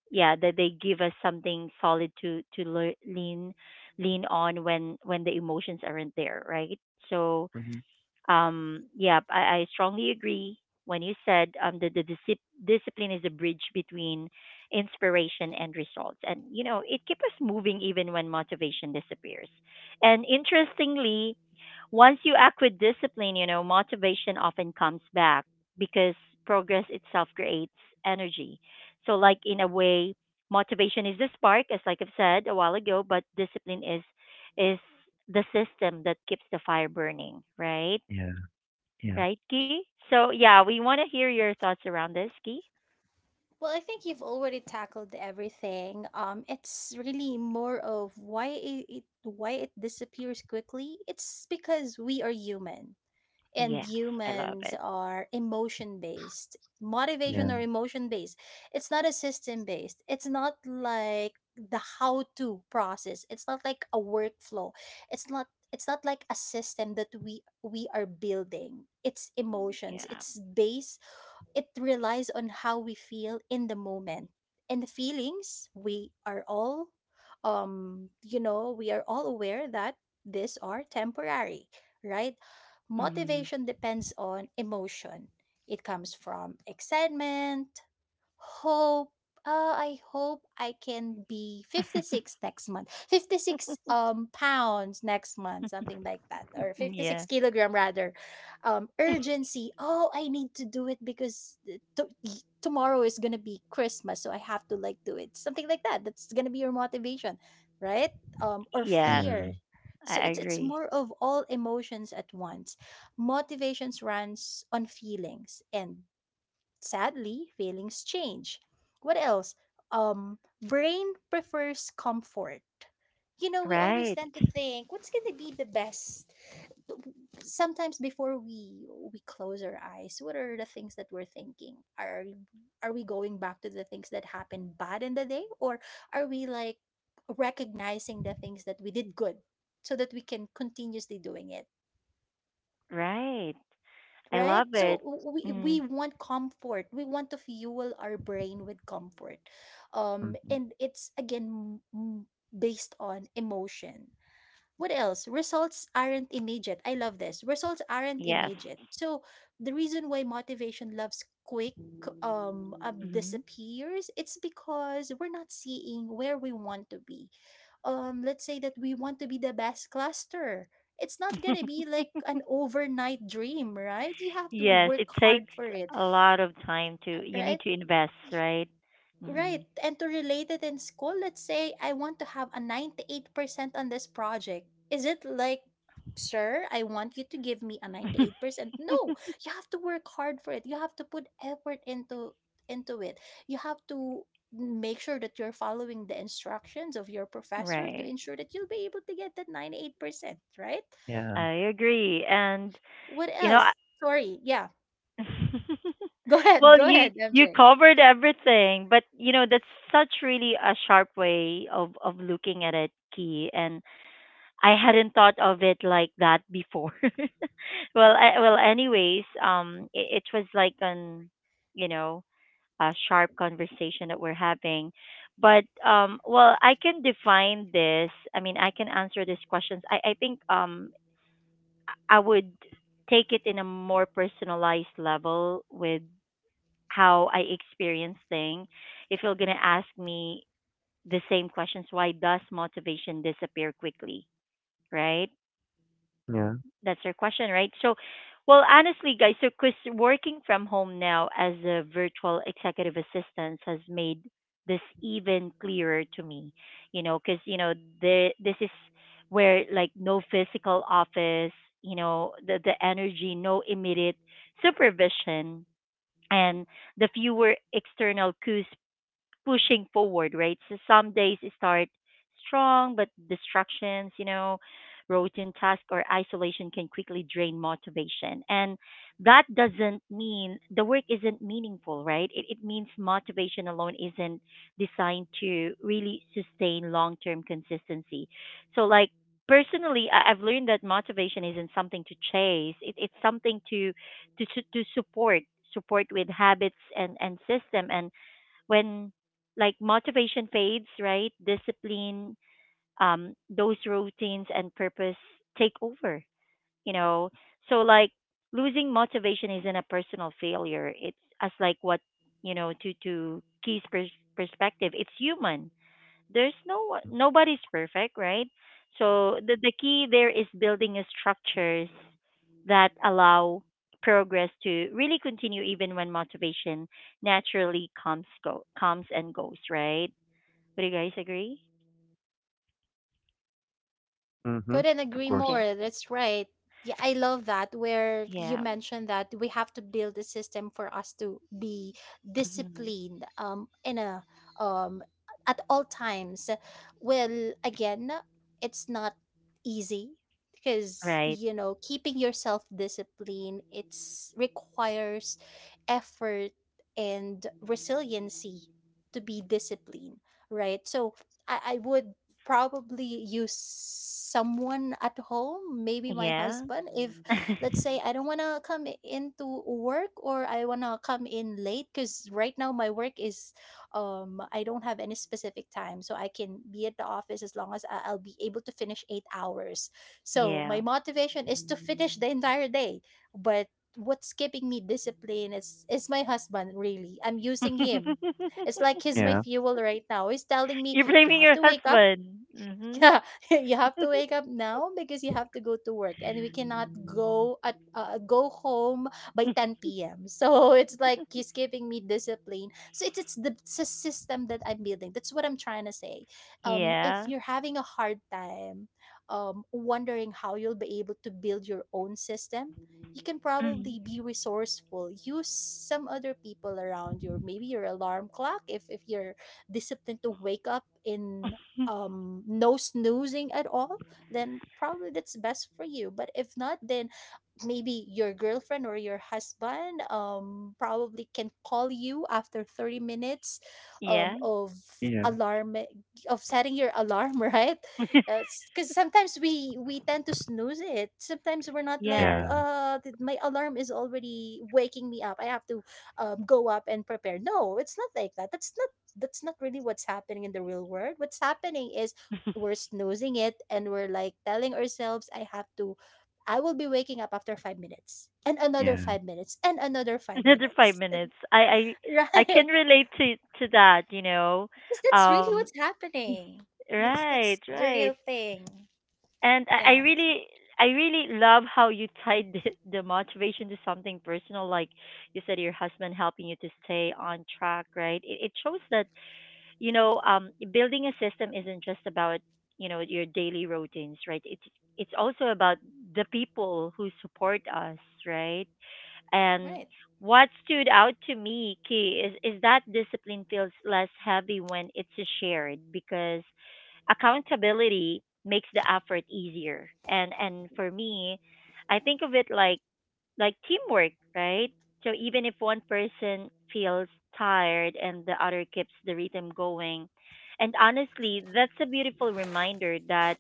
[SPEAKER 1] yeah, that they give us something solid to lean on when the emotions aren't there, right? So
[SPEAKER 3] hmm,
[SPEAKER 1] yeah, I strongly agree when you said that the disip discipline is a bridge between inspiration and results. And, you know, it keeps us moving even when motivation disappears. And interestingly, once you act with discipline, you know, motivation often comes back because progress itself creates energy. So, like, in a way, motivation is the spark, as like I've said a while ago, but discipline is the system that keeps the fire burning, right?
[SPEAKER 3] yeah, yeah,
[SPEAKER 1] Right, Key? So, yeah, we want to hear your thoughts around this, Key.
[SPEAKER 2] Well, I think you've already tackled everything. It's really more of why it, why it disappears quickly. It's because we are human, and
[SPEAKER 1] Yes, I love
[SPEAKER 2] humans
[SPEAKER 1] it.
[SPEAKER 2] are emotion based. Motivation,
[SPEAKER 3] yeah,
[SPEAKER 2] or emotion based, it's not a system based. It's not like the how to process. It's not like a workflow. It's not like a system that we are building. It's emotions.
[SPEAKER 1] Yeah.
[SPEAKER 2] It's based, it relies on how we feel in the moment. And the feelings, we are all you know, we are all aware that these are temporary, right?
[SPEAKER 1] Hmm.
[SPEAKER 2] Motivation depends on emotion. It comes from excitement, hope, I hope I can be 56 next month. 56 pounds next month, something like that. Or 56
[SPEAKER 1] Yeah.
[SPEAKER 2] kilogram rather. Um, urgency. Oh, I need to do it because tomorrow is going to be Christmas, so I have to like do it. Something like that. That's going to be your motivation, right? Um, or
[SPEAKER 1] Yes,
[SPEAKER 2] fear.
[SPEAKER 3] yeah,
[SPEAKER 2] So
[SPEAKER 1] I
[SPEAKER 2] it's
[SPEAKER 1] agree.
[SPEAKER 2] more of all emotions at once. Motivations runs on feelings and, sadly, feelings change. What else? Brain prefers comfort. You know, we always
[SPEAKER 1] Right,
[SPEAKER 2] tend to think what's going to be the best. Sometimes before we close our eyes, what are the things that we're thinking? Are we going back to the things that happened bad in the day, or are we like recognizing the things that we did good so that we can continuously doing it?
[SPEAKER 1] right. I
[SPEAKER 2] Right,
[SPEAKER 1] love
[SPEAKER 2] so
[SPEAKER 1] it.
[SPEAKER 2] we
[SPEAKER 1] Mm.
[SPEAKER 2] want comfort. We want to fuel our brain with comfort.
[SPEAKER 3] hmm,
[SPEAKER 2] And it's again based on emotion. What else? Results aren't immediate. I love this. Results aren't
[SPEAKER 1] Yes.
[SPEAKER 2] immediate. So the reason why motivation loves quick,
[SPEAKER 1] Hmm.
[SPEAKER 2] disappears, it's because we're not seeing where we want to be. Um, let's say that we want to be the best cluster. It's not gonna
[SPEAKER 1] [LAUGHS]
[SPEAKER 2] be like an overnight dream, right? You have to
[SPEAKER 1] Yes,
[SPEAKER 2] work
[SPEAKER 1] it
[SPEAKER 2] hard
[SPEAKER 1] takes
[SPEAKER 2] for it.
[SPEAKER 1] a lot of time to, you need
[SPEAKER 2] Right.
[SPEAKER 1] to invest, right?
[SPEAKER 2] Right.
[SPEAKER 1] Mm.
[SPEAKER 2] And to relate it in school, let's say I want to have a 98% on this project. Is it like, sir, I want you to give me a
[SPEAKER 1] [LAUGHS]
[SPEAKER 2] 98%? No. You have to work hard for it. You have to put effort into it. You have to make sure that you're following the instructions of your professor to
[SPEAKER 1] Right.
[SPEAKER 2] ensure that you'll be able to get that 98%, right?
[SPEAKER 3] yeah,
[SPEAKER 1] I agree. And,
[SPEAKER 2] What
[SPEAKER 1] you know,
[SPEAKER 2] else? Sorry. Yeah.
[SPEAKER 1] [LAUGHS]
[SPEAKER 2] [LAUGHS] Go ahead.
[SPEAKER 1] well,
[SPEAKER 2] Go
[SPEAKER 1] you
[SPEAKER 2] ahead,
[SPEAKER 1] you
[SPEAKER 2] MJ.
[SPEAKER 1] covered everything, but you know that's such really a sharp way of looking at it, Key. And I hadn't thought of it like that before. [LAUGHS] Anyways, it, it was like an you know a sharp conversation that we're having, but well, I can define this. I mean, I can answer these questions. I think I would take it in a more personalized level with how I experience things. If you're gonna ask me the same questions, why does motivation disappear quickly? Right?
[SPEAKER 3] yeah.
[SPEAKER 1] That's your question, right? So, well, honestly, guys, so 'cause working from home now as a virtual executive assistant has made this even clearer to me. You know, because you know the this is where like no physical office, you know, the energy, no immediate supervision, and the fewer external cues pushing forward, right? So some days you start strong, but distractions, you know, routine tasks or isolation can quickly drain motivation. And that doesn't mean the work isn't meaningful, right? It means motivation alone isn't designed to really sustain long term consistency. So, like, personally I've learned that motivation isn't something to chase it, it's something to to su- to support support with habits and system and when like motivation fades, right? Discipline, those routines and purpose take over, you know. So like losing motivation isn't a personal failure. It's as like what you know to Key's perspective. It's human, there's no one- nobody's perfect, right? So the key there is building a structures that allow progress to really continue even when motivation naturally comes and goes, right? Would you guys agree?
[SPEAKER 3] Mm-hmm.
[SPEAKER 2] Couldn't
[SPEAKER 3] Of
[SPEAKER 2] agree
[SPEAKER 3] course.
[SPEAKER 1] Okay.
[SPEAKER 2] more. That's right. Yeah, I love that where you
[SPEAKER 1] Yeah.
[SPEAKER 2] mentioned that we have to build a system for us to be
[SPEAKER 1] Hmm.
[SPEAKER 2] disciplined in a um at all times. Well, again, it's not easy because,
[SPEAKER 1] Right.
[SPEAKER 2] you know, keeping yourself disciplined, it's requires effort and resiliency to be disciplined, right? So I would probably use someone at home, maybe my
[SPEAKER 1] Yeah.
[SPEAKER 2] husband. If, let's
[SPEAKER 1] [LAUGHS]
[SPEAKER 2] say, I don't want to come into work or I want to come in late because right now my work is, I don't have any specific time, so I can be at the office as long as I'll be able to finish 8 hours. So
[SPEAKER 1] Yeah.
[SPEAKER 2] my motivation is to finish the entire day, but what's keeping me disciplined is my husband, really. I'm using him. It's
[SPEAKER 1] [LAUGHS]
[SPEAKER 2] like he's my
[SPEAKER 3] Yeah.
[SPEAKER 2] fuel right now. He's telling me
[SPEAKER 1] You're
[SPEAKER 2] you
[SPEAKER 1] blaming
[SPEAKER 2] have
[SPEAKER 1] your
[SPEAKER 2] to wake up,
[SPEAKER 1] husband. Hmm.
[SPEAKER 2] yeah, [LAUGHS] you have to wake up now because you have to go to work and we cannot go at go home by
[SPEAKER 1] [LAUGHS]
[SPEAKER 2] 10 p.m. So it's like he's giving me discipline. So it's the, it's a system that I'm building. That's what I'm trying to say. Um, if
[SPEAKER 1] Yeah.
[SPEAKER 2] you're having a hard time, um, wondering how you'll be able to build your own system, you can
[SPEAKER 1] Mm.
[SPEAKER 2] probably be resourceful, use some other people around you, or maybe your alarm clock, if you're disciplined to wake up in, um, no snoozing at all, then probably that's best for you. But if not, then maybe your girlfriend or your husband, um, probably can call you after 30 minutes um
[SPEAKER 1] Yeah.
[SPEAKER 2] of
[SPEAKER 3] Yeah.
[SPEAKER 2] alarm, of setting your alarm, [LAUGHS] right?
[SPEAKER 1] [LAUGHS]
[SPEAKER 2] Because sometimes we tend to snooze it. Sometimes we're not like,
[SPEAKER 1] Yes.
[SPEAKER 3] Yeah.
[SPEAKER 2] my alarm is already waking me up, I have to, go up and prepare. No, it's not like that. That's not really what's happening in the real world. What's happening is
[SPEAKER 1] [LAUGHS]
[SPEAKER 2] we're snoozing it, and we're like telling ourselves, I have to, I will be waking up after 5 minutes and another
[SPEAKER 3] Yeah.
[SPEAKER 2] 5 minutes and another
[SPEAKER 1] [LAUGHS]
[SPEAKER 2] five
[SPEAKER 1] Another five
[SPEAKER 2] minutes.
[SPEAKER 1] minutes.
[SPEAKER 2] And,
[SPEAKER 1] I
[SPEAKER 2] [LAUGHS]
[SPEAKER 1] I I can
[SPEAKER 2] right?
[SPEAKER 1] relate to that, you know.
[SPEAKER 2] Because that's really
[SPEAKER 1] Um,
[SPEAKER 2] what's happening.
[SPEAKER 1] [LAUGHS]
[SPEAKER 2] That's
[SPEAKER 1] right,
[SPEAKER 2] that's the
[SPEAKER 1] right.
[SPEAKER 2] real thing.
[SPEAKER 1] And I
[SPEAKER 2] Yeah.
[SPEAKER 1] really I really love how you tied [LAUGHS] the motivation to something personal, like you said, your husband helping you to stay on track, right? It shows that you know building a system isn't just about you know your daily routines, right? It's also about the people who support us, right? And
[SPEAKER 2] Right.
[SPEAKER 1] what stood out to me, Key, is that discipline feels less heavy when it's shared because accountability makes the effort easier. And for me, I think of it like teamwork, right? So even if one person feels tired and the other keeps the rhythm going. And honestly, that's a beautiful reminder that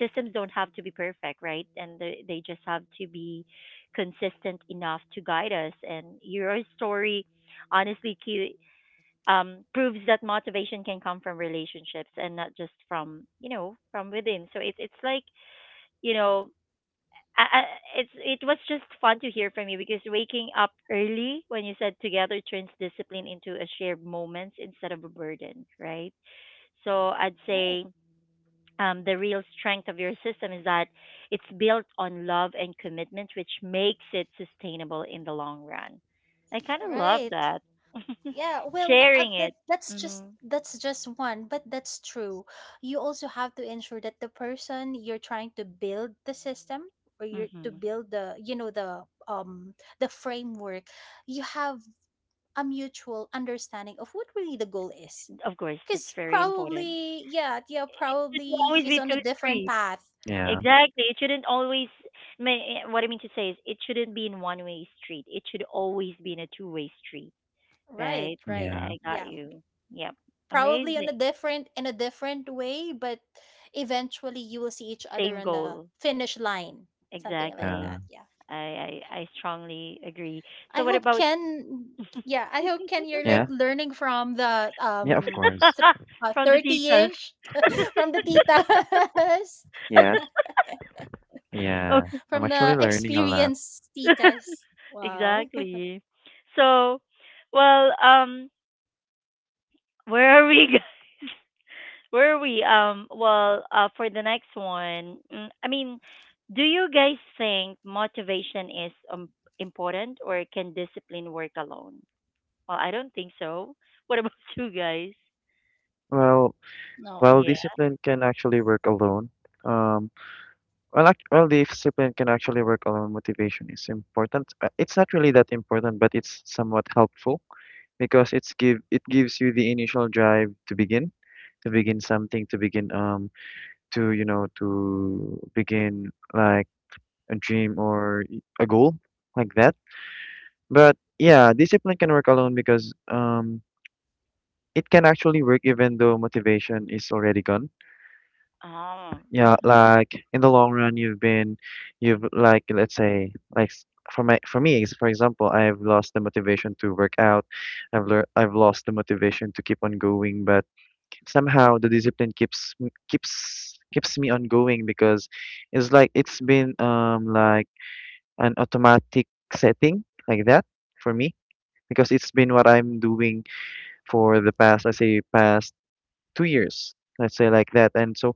[SPEAKER 1] systems don't have to be perfect, right? And they just have to be consistent enough to guide us. And your story, honestly, Q, proves that motivation can come from relationships and not just from, you know, from within. So it's like you know I, I, it's it was just fun to hear from you because waking up early when you said together turns discipline into a shared moment instead of a burden, right? So I'd
[SPEAKER 2] Right.
[SPEAKER 1] say the real strength of your system is that it's built on love and commitment, which makes it sustainable in the long run. I kind of love
[SPEAKER 2] Right.
[SPEAKER 1] that [LAUGHS]
[SPEAKER 2] Yeah, well,
[SPEAKER 1] sharing
[SPEAKER 2] that,
[SPEAKER 1] it.
[SPEAKER 2] that's just,
[SPEAKER 1] Hmm.
[SPEAKER 2] that's just one, but that's true. You also have to ensure that the person you're trying to build the system, or you're to
[SPEAKER 1] Hmm.
[SPEAKER 2] build the, you know, the framework, you have a mutual understanding of what really the goal is.
[SPEAKER 1] Of course, that's
[SPEAKER 2] Because
[SPEAKER 1] very important.
[SPEAKER 2] probably, yeah, yeah,
[SPEAKER 1] It should
[SPEAKER 2] probably
[SPEAKER 1] always
[SPEAKER 2] he's
[SPEAKER 1] be
[SPEAKER 2] on a
[SPEAKER 1] two
[SPEAKER 2] different
[SPEAKER 1] streets.
[SPEAKER 2] path.
[SPEAKER 3] Yeah.
[SPEAKER 1] Exactly. It shouldn't always. What I mean to say is, it shouldn't be in one way street. It should always be in a two-way street,
[SPEAKER 2] Right,
[SPEAKER 1] right?
[SPEAKER 2] right.
[SPEAKER 3] Yeah.
[SPEAKER 1] I got
[SPEAKER 2] Yeah,
[SPEAKER 1] you. Yep.
[SPEAKER 2] probably on
[SPEAKER 1] Amazing.
[SPEAKER 2] a different, in a different way, but eventually you will see each other
[SPEAKER 1] Same
[SPEAKER 2] on the
[SPEAKER 1] goal.
[SPEAKER 2] finish line, something like
[SPEAKER 1] Exactly.
[SPEAKER 2] that.
[SPEAKER 3] Yeah.
[SPEAKER 2] Yeah,
[SPEAKER 1] I strongly agree.
[SPEAKER 2] I
[SPEAKER 1] So what
[SPEAKER 2] hope
[SPEAKER 1] about
[SPEAKER 2] Ken.
[SPEAKER 1] [LAUGHS]
[SPEAKER 2] Yeah, I hope Ken, you're like
[SPEAKER 3] Yeah,
[SPEAKER 2] learning from the
[SPEAKER 3] Yeah, of course.
[SPEAKER 2] th-
[SPEAKER 1] from the titas?
[SPEAKER 2] 30ish [LAUGHS]
[SPEAKER 1] [LAUGHS]
[SPEAKER 2] from the titas,
[SPEAKER 3] Yeah.
[SPEAKER 2] [LAUGHS]
[SPEAKER 3] Yeah.
[SPEAKER 1] Okay.
[SPEAKER 3] I'm
[SPEAKER 2] from
[SPEAKER 3] actually
[SPEAKER 2] the
[SPEAKER 3] learning a lot.
[SPEAKER 2] experienced titas,
[SPEAKER 1] [LAUGHS]
[SPEAKER 2] wow. [LAUGHS]
[SPEAKER 1] Exactly. So, well, where are we, guys? [LAUGHS] Where are we? Well, for the next one, mm, I mean, do you guys think motivation is important or can discipline work alone? Well, I don't think so. What about [LAUGHS] you guys?
[SPEAKER 3] Well,
[SPEAKER 2] No.
[SPEAKER 3] well,
[SPEAKER 1] Yeah.
[SPEAKER 3] discipline can actually work alone. Um, well, the discipline can actually work alone. Motivation is important. It's not really that important, but it's somewhat helpful because it gives you the initial drive to begin something, to begin to you know to begin like a dream or a goal like that. But yeah, discipline can work alone because it can actually work even though motivation is already gone.
[SPEAKER 1] Oh.
[SPEAKER 3] Yeah, like in the long run, you've been, you've like, let's say, for my, for me, for example, I've lost the motivation to work out. I've lost the motivation to keep on going, but somehow the discipline keeps m- keeps keeps me on going because it's like it's been like an automatic setting like that for me, because it's been what I'm doing for the past, let's say, past 2 years, let's say like that, and so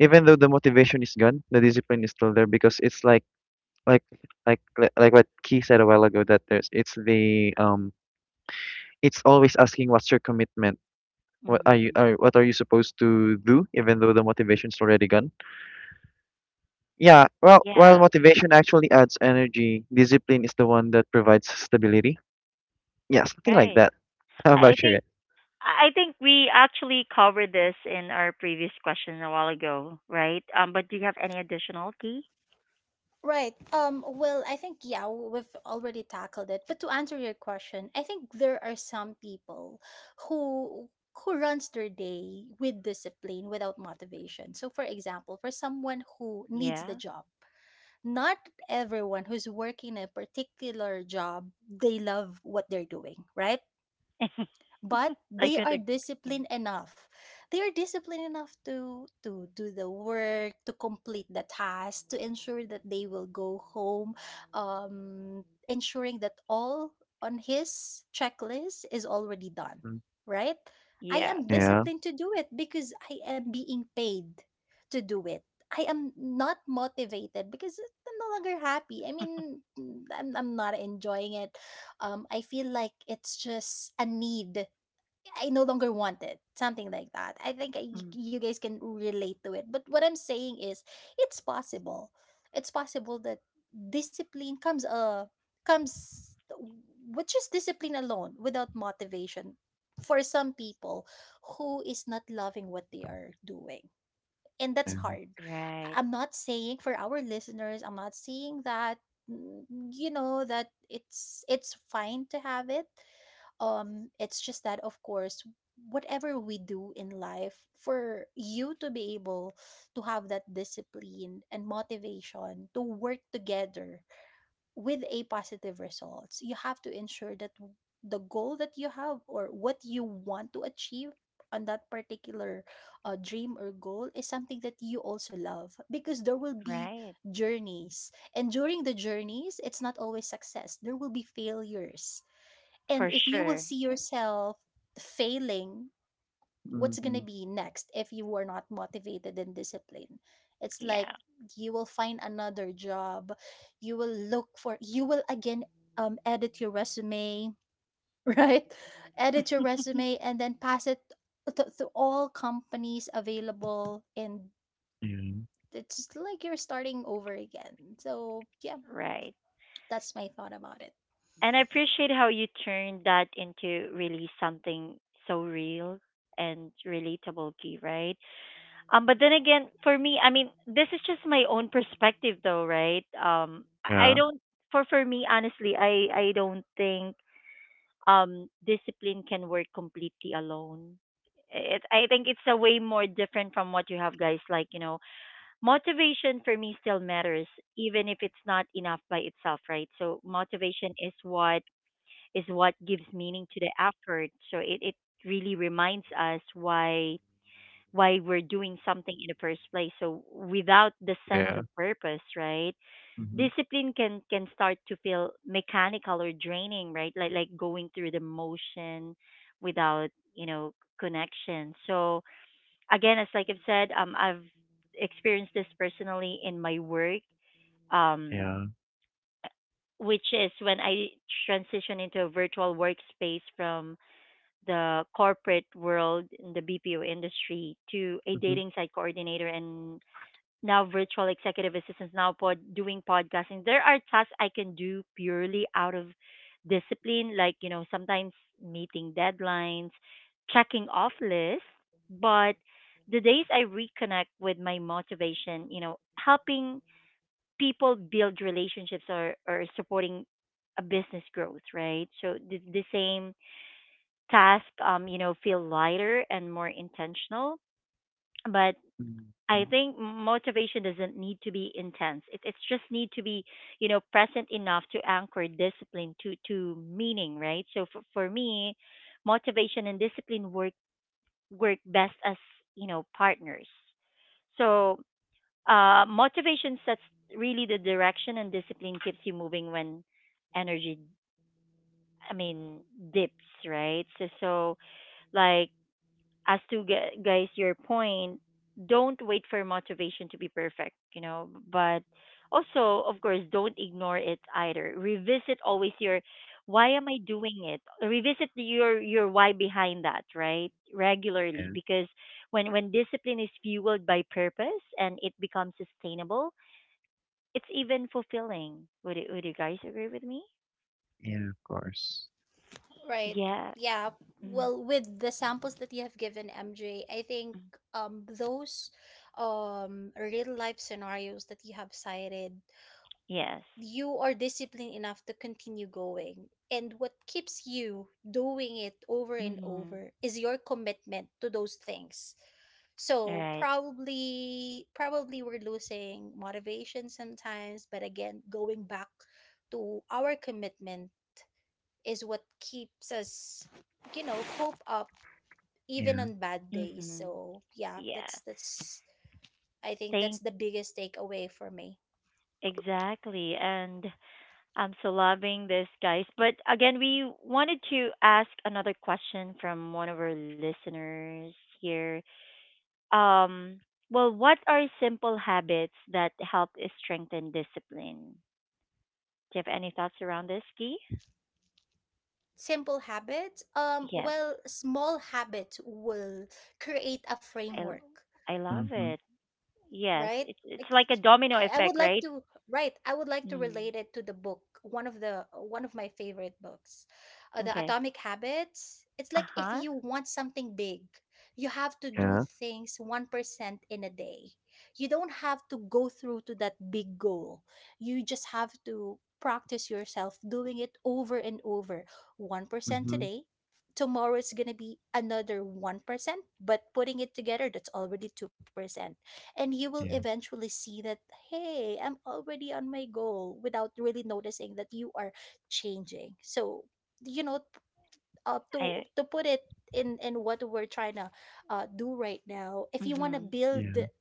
[SPEAKER 3] even though the motivation is gone, the discipline is still there because it's like like like what Key said a while ago that there's it's the it's always asking what's your commitment.
[SPEAKER 1] Mm-hmm.
[SPEAKER 3] What are you supposed to do even though the motivation's already gone? Yeah, well while
[SPEAKER 1] Yeah.
[SPEAKER 3] motivation actually adds energy, discipline is the one that provides stability. Yeah, something like
[SPEAKER 1] Right.
[SPEAKER 3] that. [LAUGHS] How
[SPEAKER 1] I
[SPEAKER 3] about you guys?
[SPEAKER 1] think I think we actually covered this in our previous question a while ago, right? But do you have any additional key?
[SPEAKER 2] Right. Well, I think, yeah, we've already tackled it. But to answer your question, I think there are some people who who runs their day with discipline without motivation. So for example, for someone who needs the
[SPEAKER 1] Yeah.
[SPEAKER 2] job, not everyone who's working a particular job, they love what they're doing, right?
[SPEAKER 1] [LAUGHS]
[SPEAKER 2] But
[SPEAKER 1] I
[SPEAKER 2] they
[SPEAKER 1] could.
[SPEAKER 2] are
[SPEAKER 1] ag- mm,
[SPEAKER 2] disciplined enough to do the work, to complete the task, to ensure that they will go home, ensuring that all on his checklist is already done,
[SPEAKER 3] Mm,
[SPEAKER 2] right. I
[SPEAKER 1] yes.
[SPEAKER 2] am
[SPEAKER 3] Yeah.
[SPEAKER 2] disciplined to do it because I am being paid to do it. I am not motivated because I'm no longer happy. I'm not enjoying it. I feel like it's just a need. I no longer want it. Something like that. I think
[SPEAKER 1] Mm,
[SPEAKER 2] you guys can relate to it. But what I'm saying is, it's possible. It's possible that discipline comes comes with just discipline alone without motivation, for some people who is not loving what they are doing. And that's
[SPEAKER 3] Yeah.
[SPEAKER 2] hard.
[SPEAKER 1] right.
[SPEAKER 2] I'm not saying for our listeners, I'm not saying that, you know, that it's fine to have it. It's just that, of course, whatever we do in life, for you to be able to have that discipline and motivation to work together with a positive results, you have to ensure that the goal that you have or what you want to achieve on that particular dream or goal is something that you also love, because there will be
[SPEAKER 1] Right,
[SPEAKER 2] journeys, and during the journeys it's not always success, there will be failures. And
[SPEAKER 1] for
[SPEAKER 2] if you will
[SPEAKER 1] sure.
[SPEAKER 2] see yourself failing, what's going
[SPEAKER 3] Mm-hmm.
[SPEAKER 2] to be next if you were not motivated and disciplined? It's like
[SPEAKER 1] Yeah,
[SPEAKER 2] you will find another job. You will look you will again edit your resume, [LAUGHS] right? Edit your resume and then pass it to all companies available. And
[SPEAKER 3] Yeah.
[SPEAKER 2] it's just like you're starting over again. So, yeah,
[SPEAKER 1] right.
[SPEAKER 2] that's my thought about it.
[SPEAKER 1] And I appreciate how you turned that into really something so real and relatable, Key, right? But then again, for me, I mean, this is just my own perspective though, right? I
[SPEAKER 3] Yeah.
[SPEAKER 1] don't for me, honestly, I don't think discipline can work completely alone. I think it's a way more different from what you have guys motivation for me still matters even if it's not enough by itself, right? So motivation is what gives meaning to the effort. So it really reminds us why we're doing something in the first place. So without the sense
[SPEAKER 3] Yeah.
[SPEAKER 1] of purpose, right,
[SPEAKER 3] Mm-hmm.
[SPEAKER 1] discipline can start to feel mechanical or draining, right? Like going through the motion without you know connection. So again, as like I've said, I've experienced this personally in my work, um,
[SPEAKER 3] Yeah.
[SPEAKER 1] which is when I transitioned into a virtual workspace from the corporate world in the BPO industry to a
[SPEAKER 3] Mm-hmm.
[SPEAKER 1] dating site coordinator and now virtual executive assistants, now pod doing podcasting. There are tasks I can do purely out of discipline, sometimes meeting deadlines, checking off lists. But the days I reconnect with my motivation, you know, helping people build relationships or supporting a business growth, right? So the same task, you know, feel lighter and more intentional. But
[SPEAKER 3] Mm-hmm.
[SPEAKER 1] I think motivation doesn't need to be intense. It it's just need to be, you know, present enough to anchor discipline to meaning, right? So for me, motivation and discipline work best as, you know, partners. So, motivation sets really the direction, and discipline keeps you moving when energy I mean dips, right? So like guys your point, don't wait for motivation to be perfect, you know, but also of course don't ignore it either. Revisit always your why am I doing it. Revisit your why behind that, right, regularly.
[SPEAKER 3] Yeah.
[SPEAKER 1] Because when discipline is fueled by purpose, and it becomes sustainable, it's even fulfilling. Would would you guys agree with me?
[SPEAKER 3] Yeah, of course.
[SPEAKER 2] Right.
[SPEAKER 1] Yeah.
[SPEAKER 2] Yeah.
[SPEAKER 1] mm
[SPEAKER 2] Well, with the samples that you have given, MJ, I think those real life scenarios that you have cited,
[SPEAKER 1] yes.
[SPEAKER 2] you are disciplined enough to continue going. And what keeps you doing it over and
[SPEAKER 1] Mm-hmm.
[SPEAKER 2] over is your commitment to those things. So
[SPEAKER 1] Right.
[SPEAKER 2] probably we're losing motivation sometimes, but again, going back to our commitment is what keeps us, you know, cope up even
[SPEAKER 3] Yeah.
[SPEAKER 2] on bad days.
[SPEAKER 1] Mm-hmm.
[SPEAKER 2] So yeah,
[SPEAKER 1] Yeah.
[SPEAKER 2] that's I think that's
[SPEAKER 1] Thank
[SPEAKER 2] the biggest takeaway for me.
[SPEAKER 1] Exactly. And I'm so loving this, guys. But again, we wanted to ask another question from one of our listeners here. Um, well, what are simple habits that help strengthen discipline? Do you have any thoughts around this, Guy?
[SPEAKER 2] Simple habits?
[SPEAKER 1] Yes,
[SPEAKER 2] Well, small habits will create a
[SPEAKER 1] I l-
[SPEAKER 2] framework,
[SPEAKER 1] I love
[SPEAKER 3] Mhm.
[SPEAKER 1] it. Yes,
[SPEAKER 2] right?
[SPEAKER 1] it's
[SPEAKER 2] Like
[SPEAKER 1] like a domino
[SPEAKER 2] I would
[SPEAKER 1] effect,
[SPEAKER 2] like
[SPEAKER 1] right?
[SPEAKER 2] to
[SPEAKER 1] Mm.
[SPEAKER 2] relate it to the book, one of the one of my favorite books, the
[SPEAKER 1] Okay.
[SPEAKER 2] Atomic Habits. It's
[SPEAKER 1] Uh
[SPEAKER 2] like if
[SPEAKER 1] huh.
[SPEAKER 2] you want something big, you have to do
[SPEAKER 3] Yeah.
[SPEAKER 2] things 1% in a day. You don't have to go through to that big goal. You just have to practice yourself doing it over and over. 1%
[SPEAKER 3] Mhm.
[SPEAKER 2] today. Tomorrow it's gonna be another 1%, but putting it together, that's already 2%, and you will
[SPEAKER 3] Yeah.
[SPEAKER 2] eventually see that, hey, I'm already on my goal without really noticing that you are changing. So, you know,
[SPEAKER 1] I.
[SPEAKER 2] to put it in what we're trying to do right now, if you want to
[SPEAKER 1] Mhm.
[SPEAKER 2] build
[SPEAKER 3] Yeah.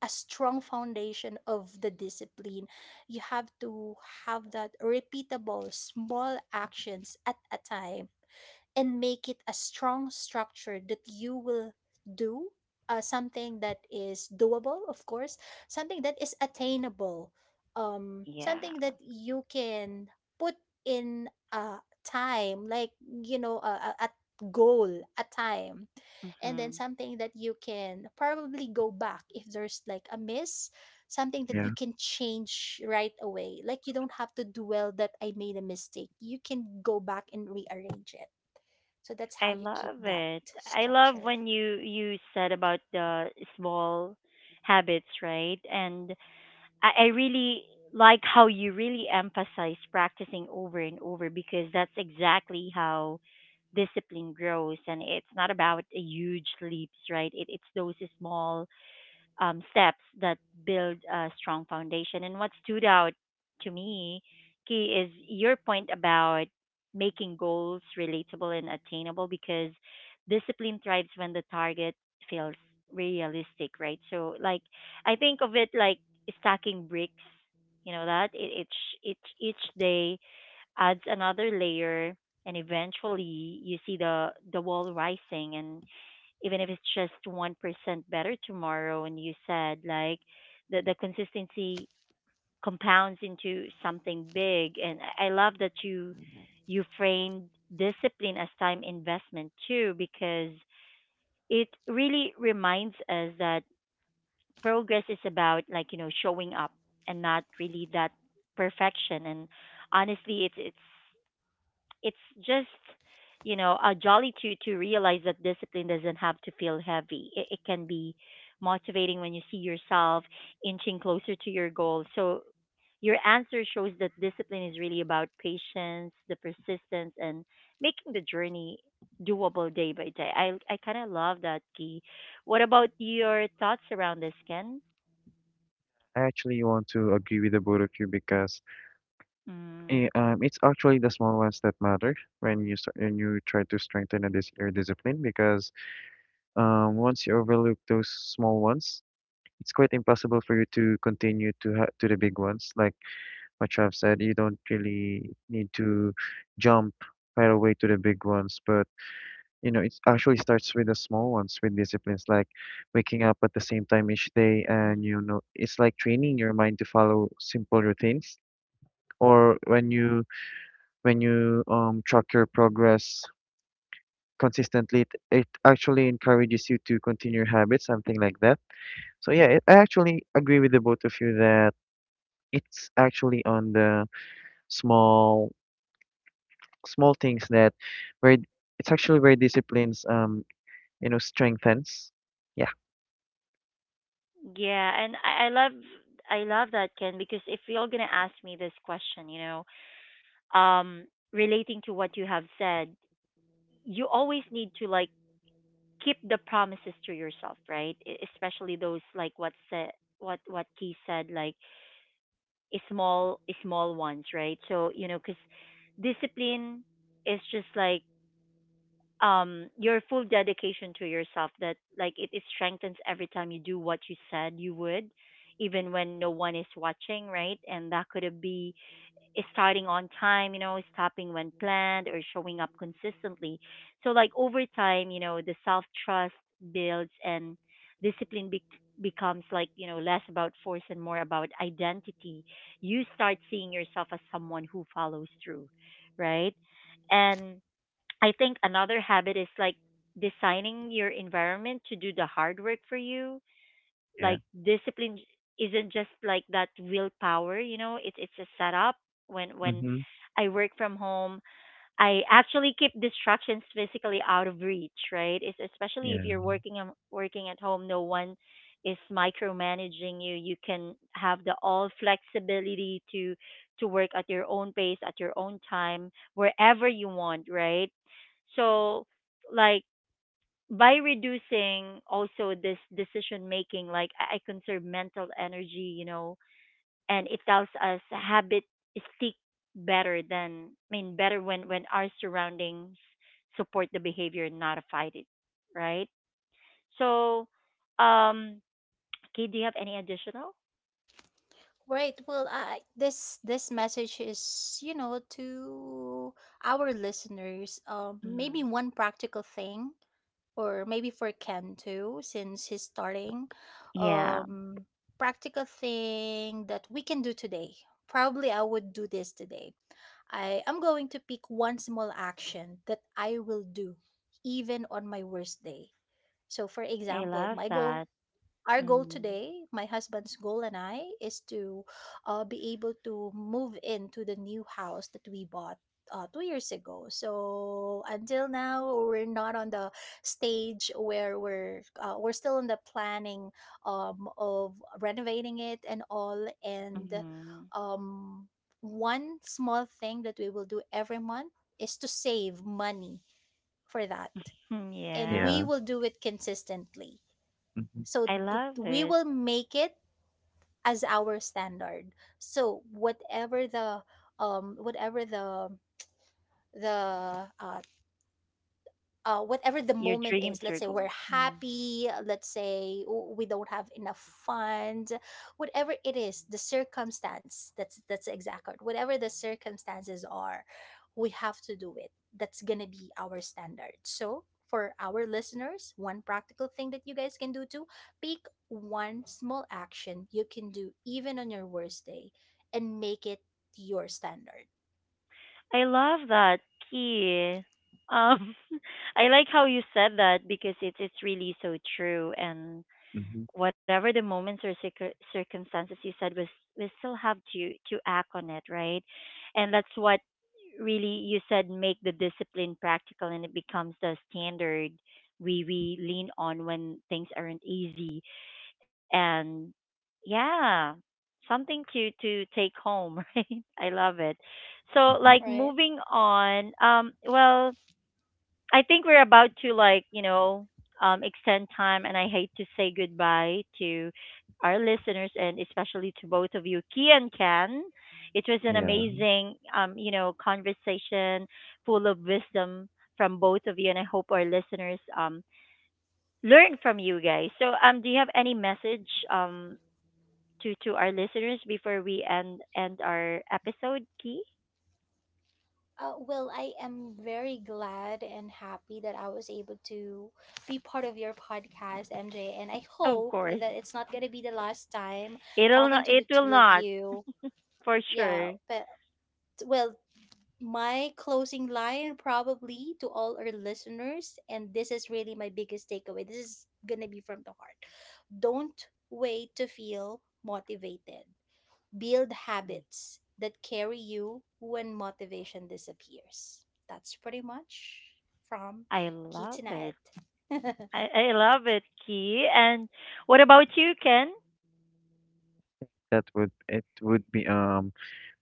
[SPEAKER 2] a strong foundation of the discipline, you have to have that repeatable small actions at a time, and make it a strong structure that you will do something that is doable, of course, something that is attainable, something
[SPEAKER 1] Yeah.
[SPEAKER 2] that you can put in a time, like, you know, a goal, a time, and then
[SPEAKER 1] Mhm.
[SPEAKER 2] something that you can probably go back if there's like a miss, something that you
[SPEAKER 3] Yeah.
[SPEAKER 2] can change right away, like you don't have to dwell that I made a mistake, you can go back and rearrange it. So that's how
[SPEAKER 1] I
[SPEAKER 2] you keep
[SPEAKER 1] love
[SPEAKER 2] that
[SPEAKER 1] it. I love
[SPEAKER 2] structured.
[SPEAKER 1] when you said about the small habits, right? And I really like how you really emphasize practicing over and over, because that's exactly how discipline grows, and it's not about a huge leaps, right? It's those small steps that build a strong foundation. And what stood out to me, Key, is your point about making goals relatable and attainable, because discipline thrives when the target feels realistic, right? So, like, I think of it like stacking bricks. You know each day adds another layer, and eventually you see the wall rising, and even if it's just 1% better tomorrow. And you said like the consistency compounds into something big. And I love that you framed discipline as time investment too, because it really reminds us that progress is about, like, you know, showing up and not really that perfection. And honestly, it's just, you know, a jolly to realize that discipline doesn't have to feel heavy. It can be motivating when you see yourself inching closer to your goal. So your answer shows that discipline is really about patience, the persistence, and making the journey doable day by day. I kind of love that, Key. What about your thoughts around this, Ken?
[SPEAKER 3] I actually want to agree with the both of you because
[SPEAKER 1] Mm.
[SPEAKER 3] it's actually the small ones that matter when you try to strengthen a dis your discipline because once you overlook those small ones, it's quite impossible for you to continue to the big ones. Like what you have said, you don't really need to jump right away to the big ones, but you know, it's actually starts with the small ones, with disciplines like waking up at the same time each day, and
[SPEAKER 1] Mm.
[SPEAKER 3] you know, it's like training your mind to follow simple routines. Or when you track your progress consistently, it actually encourages you to continue your habits, something like that. So yeah, I actually agree with the both of you that it's actually on the small small things that where it's actually where disciplines you know strengthens. Yeah.
[SPEAKER 1] Yeah, and I love that, Ken. Because if you're gonna ask me this question, you know, um relating to what you have said, you always need to like keep the promises to yourself, right? Especially those what he said, like small ones, right? So you know, because discipline is just like, your full dedication to yourself, that like it strengthens every time you do what you said you would, even when no one is watching, right? And that could be starting on time, you know, stopping when planned, or showing up consistently. So like over time, you know, the self-trust builds, and discipline be- becomes, like, you know, less about force and more about identity. You start seeing yourself as someone who follows through, right? And I think another habit is like designing your environment to do the hard work for you.
[SPEAKER 3] Yeah.
[SPEAKER 1] Like discipline isn't just like that willpower, you know. It's a setup. When
[SPEAKER 3] Mm-hmm.
[SPEAKER 1] I work from home, I actually keep distractions physically out of reach, right? It's especially
[SPEAKER 3] Yeah,
[SPEAKER 1] if you're working at home, no one is micromanaging you. You can have the all flexibility to work at your own pace, at your own time, wherever you want, right? So, like, by reducing also this decision making, like I conserve mental energy, you know, and it tells us habit stick better than, I mean, better when our surroundings support the behavior, not fight it, right? So, um, Kate, do you have any additional?
[SPEAKER 2] Right. Well, I this this message is, you know, to our listeners, maybe
[SPEAKER 1] Mm.
[SPEAKER 2] one practical thing, or maybe for Ken too, since he's starting,
[SPEAKER 1] Yeah,
[SPEAKER 2] um, practical thing that we can do today. Probably I would do this today. I am going to pick one small action that I will do, even on my worst day. So, for
[SPEAKER 1] I
[SPEAKER 2] example,
[SPEAKER 1] love
[SPEAKER 2] my goal
[SPEAKER 1] that.
[SPEAKER 2] our goal
[SPEAKER 1] Mm.
[SPEAKER 2] today, my husband's goal and I, is to be able to move into the new house that we bought 2 years ago. So until now, we're not on the stage where we're still in the planning of renovating it and all. And
[SPEAKER 1] Mm-hmm.
[SPEAKER 2] um, one small thing that we will do every month is to save money for that,
[SPEAKER 1] [LAUGHS]
[SPEAKER 2] and
[SPEAKER 1] Yeah,
[SPEAKER 2] we
[SPEAKER 3] yeah.
[SPEAKER 2] will do it consistently,
[SPEAKER 3] Mhm,
[SPEAKER 2] so
[SPEAKER 1] I love
[SPEAKER 2] we
[SPEAKER 1] it.
[SPEAKER 2] will make it as our standard. So whatever the whatever the the uh, whatever the
[SPEAKER 1] Your
[SPEAKER 2] moment
[SPEAKER 1] dreams
[SPEAKER 2] is,
[SPEAKER 1] are
[SPEAKER 2] let's say
[SPEAKER 1] gold.
[SPEAKER 2] we're happy, let's say we don't have enough funds, whatever it is the circumstance, that's the exact word, whatever the circumstances are, we have to do it. That's gonna be our standard. So for our listeners, one practical thing that you guys can do too: pick one small action you can do even on your worst day, and make it your standard.
[SPEAKER 1] I love that, key. Um, [LAUGHS] I like how you said that, because it's really so true. And
[SPEAKER 3] mhm,
[SPEAKER 1] whatever the moments circumstances, you said, we still have to act on it, right? And that's what really you said make the discipline practical, and it becomes the standard we lean on when things aren't easy. And yeah, something to take home, [LAUGHS] right? I love it. So
[SPEAKER 3] mhm.
[SPEAKER 1] like
[SPEAKER 2] Right.
[SPEAKER 1] moving on, well, I think we're about to, like, you know, extend time, and I hate to say goodbye to our listeners, and especially to both of you, Key and Ken. It was an
[SPEAKER 3] Yeah,
[SPEAKER 1] amazing, you know, conversation full of wisdom from both of you, and I hope our listeners learn from you guys. So do you have any message to our listeners before we end our episode, Key?
[SPEAKER 2] Well, I am very glad and happy that I was able to be part of your podcast, MJ. And I
[SPEAKER 1] Of
[SPEAKER 2] hope
[SPEAKER 1] course.
[SPEAKER 2] that it's not going to be the last time talking to
[SPEAKER 1] It
[SPEAKER 2] the
[SPEAKER 1] will
[SPEAKER 2] two of
[SPEAKER 1] not,
[SPEAKER 2] you.
[SPEAKER 1] for
[SPEAKER 2] Yeah.
[SPEAKER 1] sure.
[SPEAKER 2] But, well, my closing line probably to all our listeners, and this is really my biggest takeaway. This is going to be from the heart. Don't wait to feel motivated. Build habits that carry you when motivation disappears. That's pretty much from
[SPEAKER 1] I love
[SPEAKER 2] Kitty
[SPEAKER 1] it.
[SPEAKER 2] Knight.
[SPEAKER 1] I love it, Key. And what about you, Ken?
[SPEAKER 3] that would it would be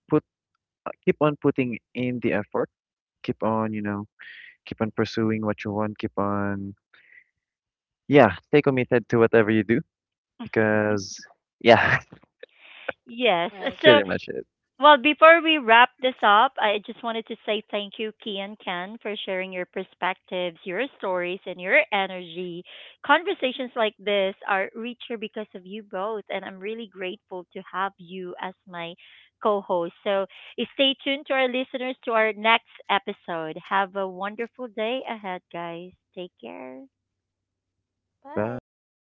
[SPEAKER 3] put keep on putting in the effort, keep on, you know, keep on pursuing what you want, keep on yeah, stay committed to whatever you do because yeah,
[SPEAKER 1] Hmm.
[SPEAKER 3] [LAUGHS]
[SPEAKER 1] Yes.
[SPEAKER 2] [LAUGHS]
[SPEAKER 3] that's
[SPEAKER 2] Right.
[SPEAKER 1] So,
[SPEAKER 3] pretty much it.
[SPEAKER 1] well, before we wrap this up, I just wanted to say thank you, Key and Ken, for sharing your perspectives, your stories, and your energy. Conversations like this are richer because of you both, and I'm really grateful to have you as my co host. So stay tuned to our listeners, to our next episode. Have a wonderful day ahead, guys. Take care.
[SPEAKER 3] Bye.
[SPEAKER 2] Bye.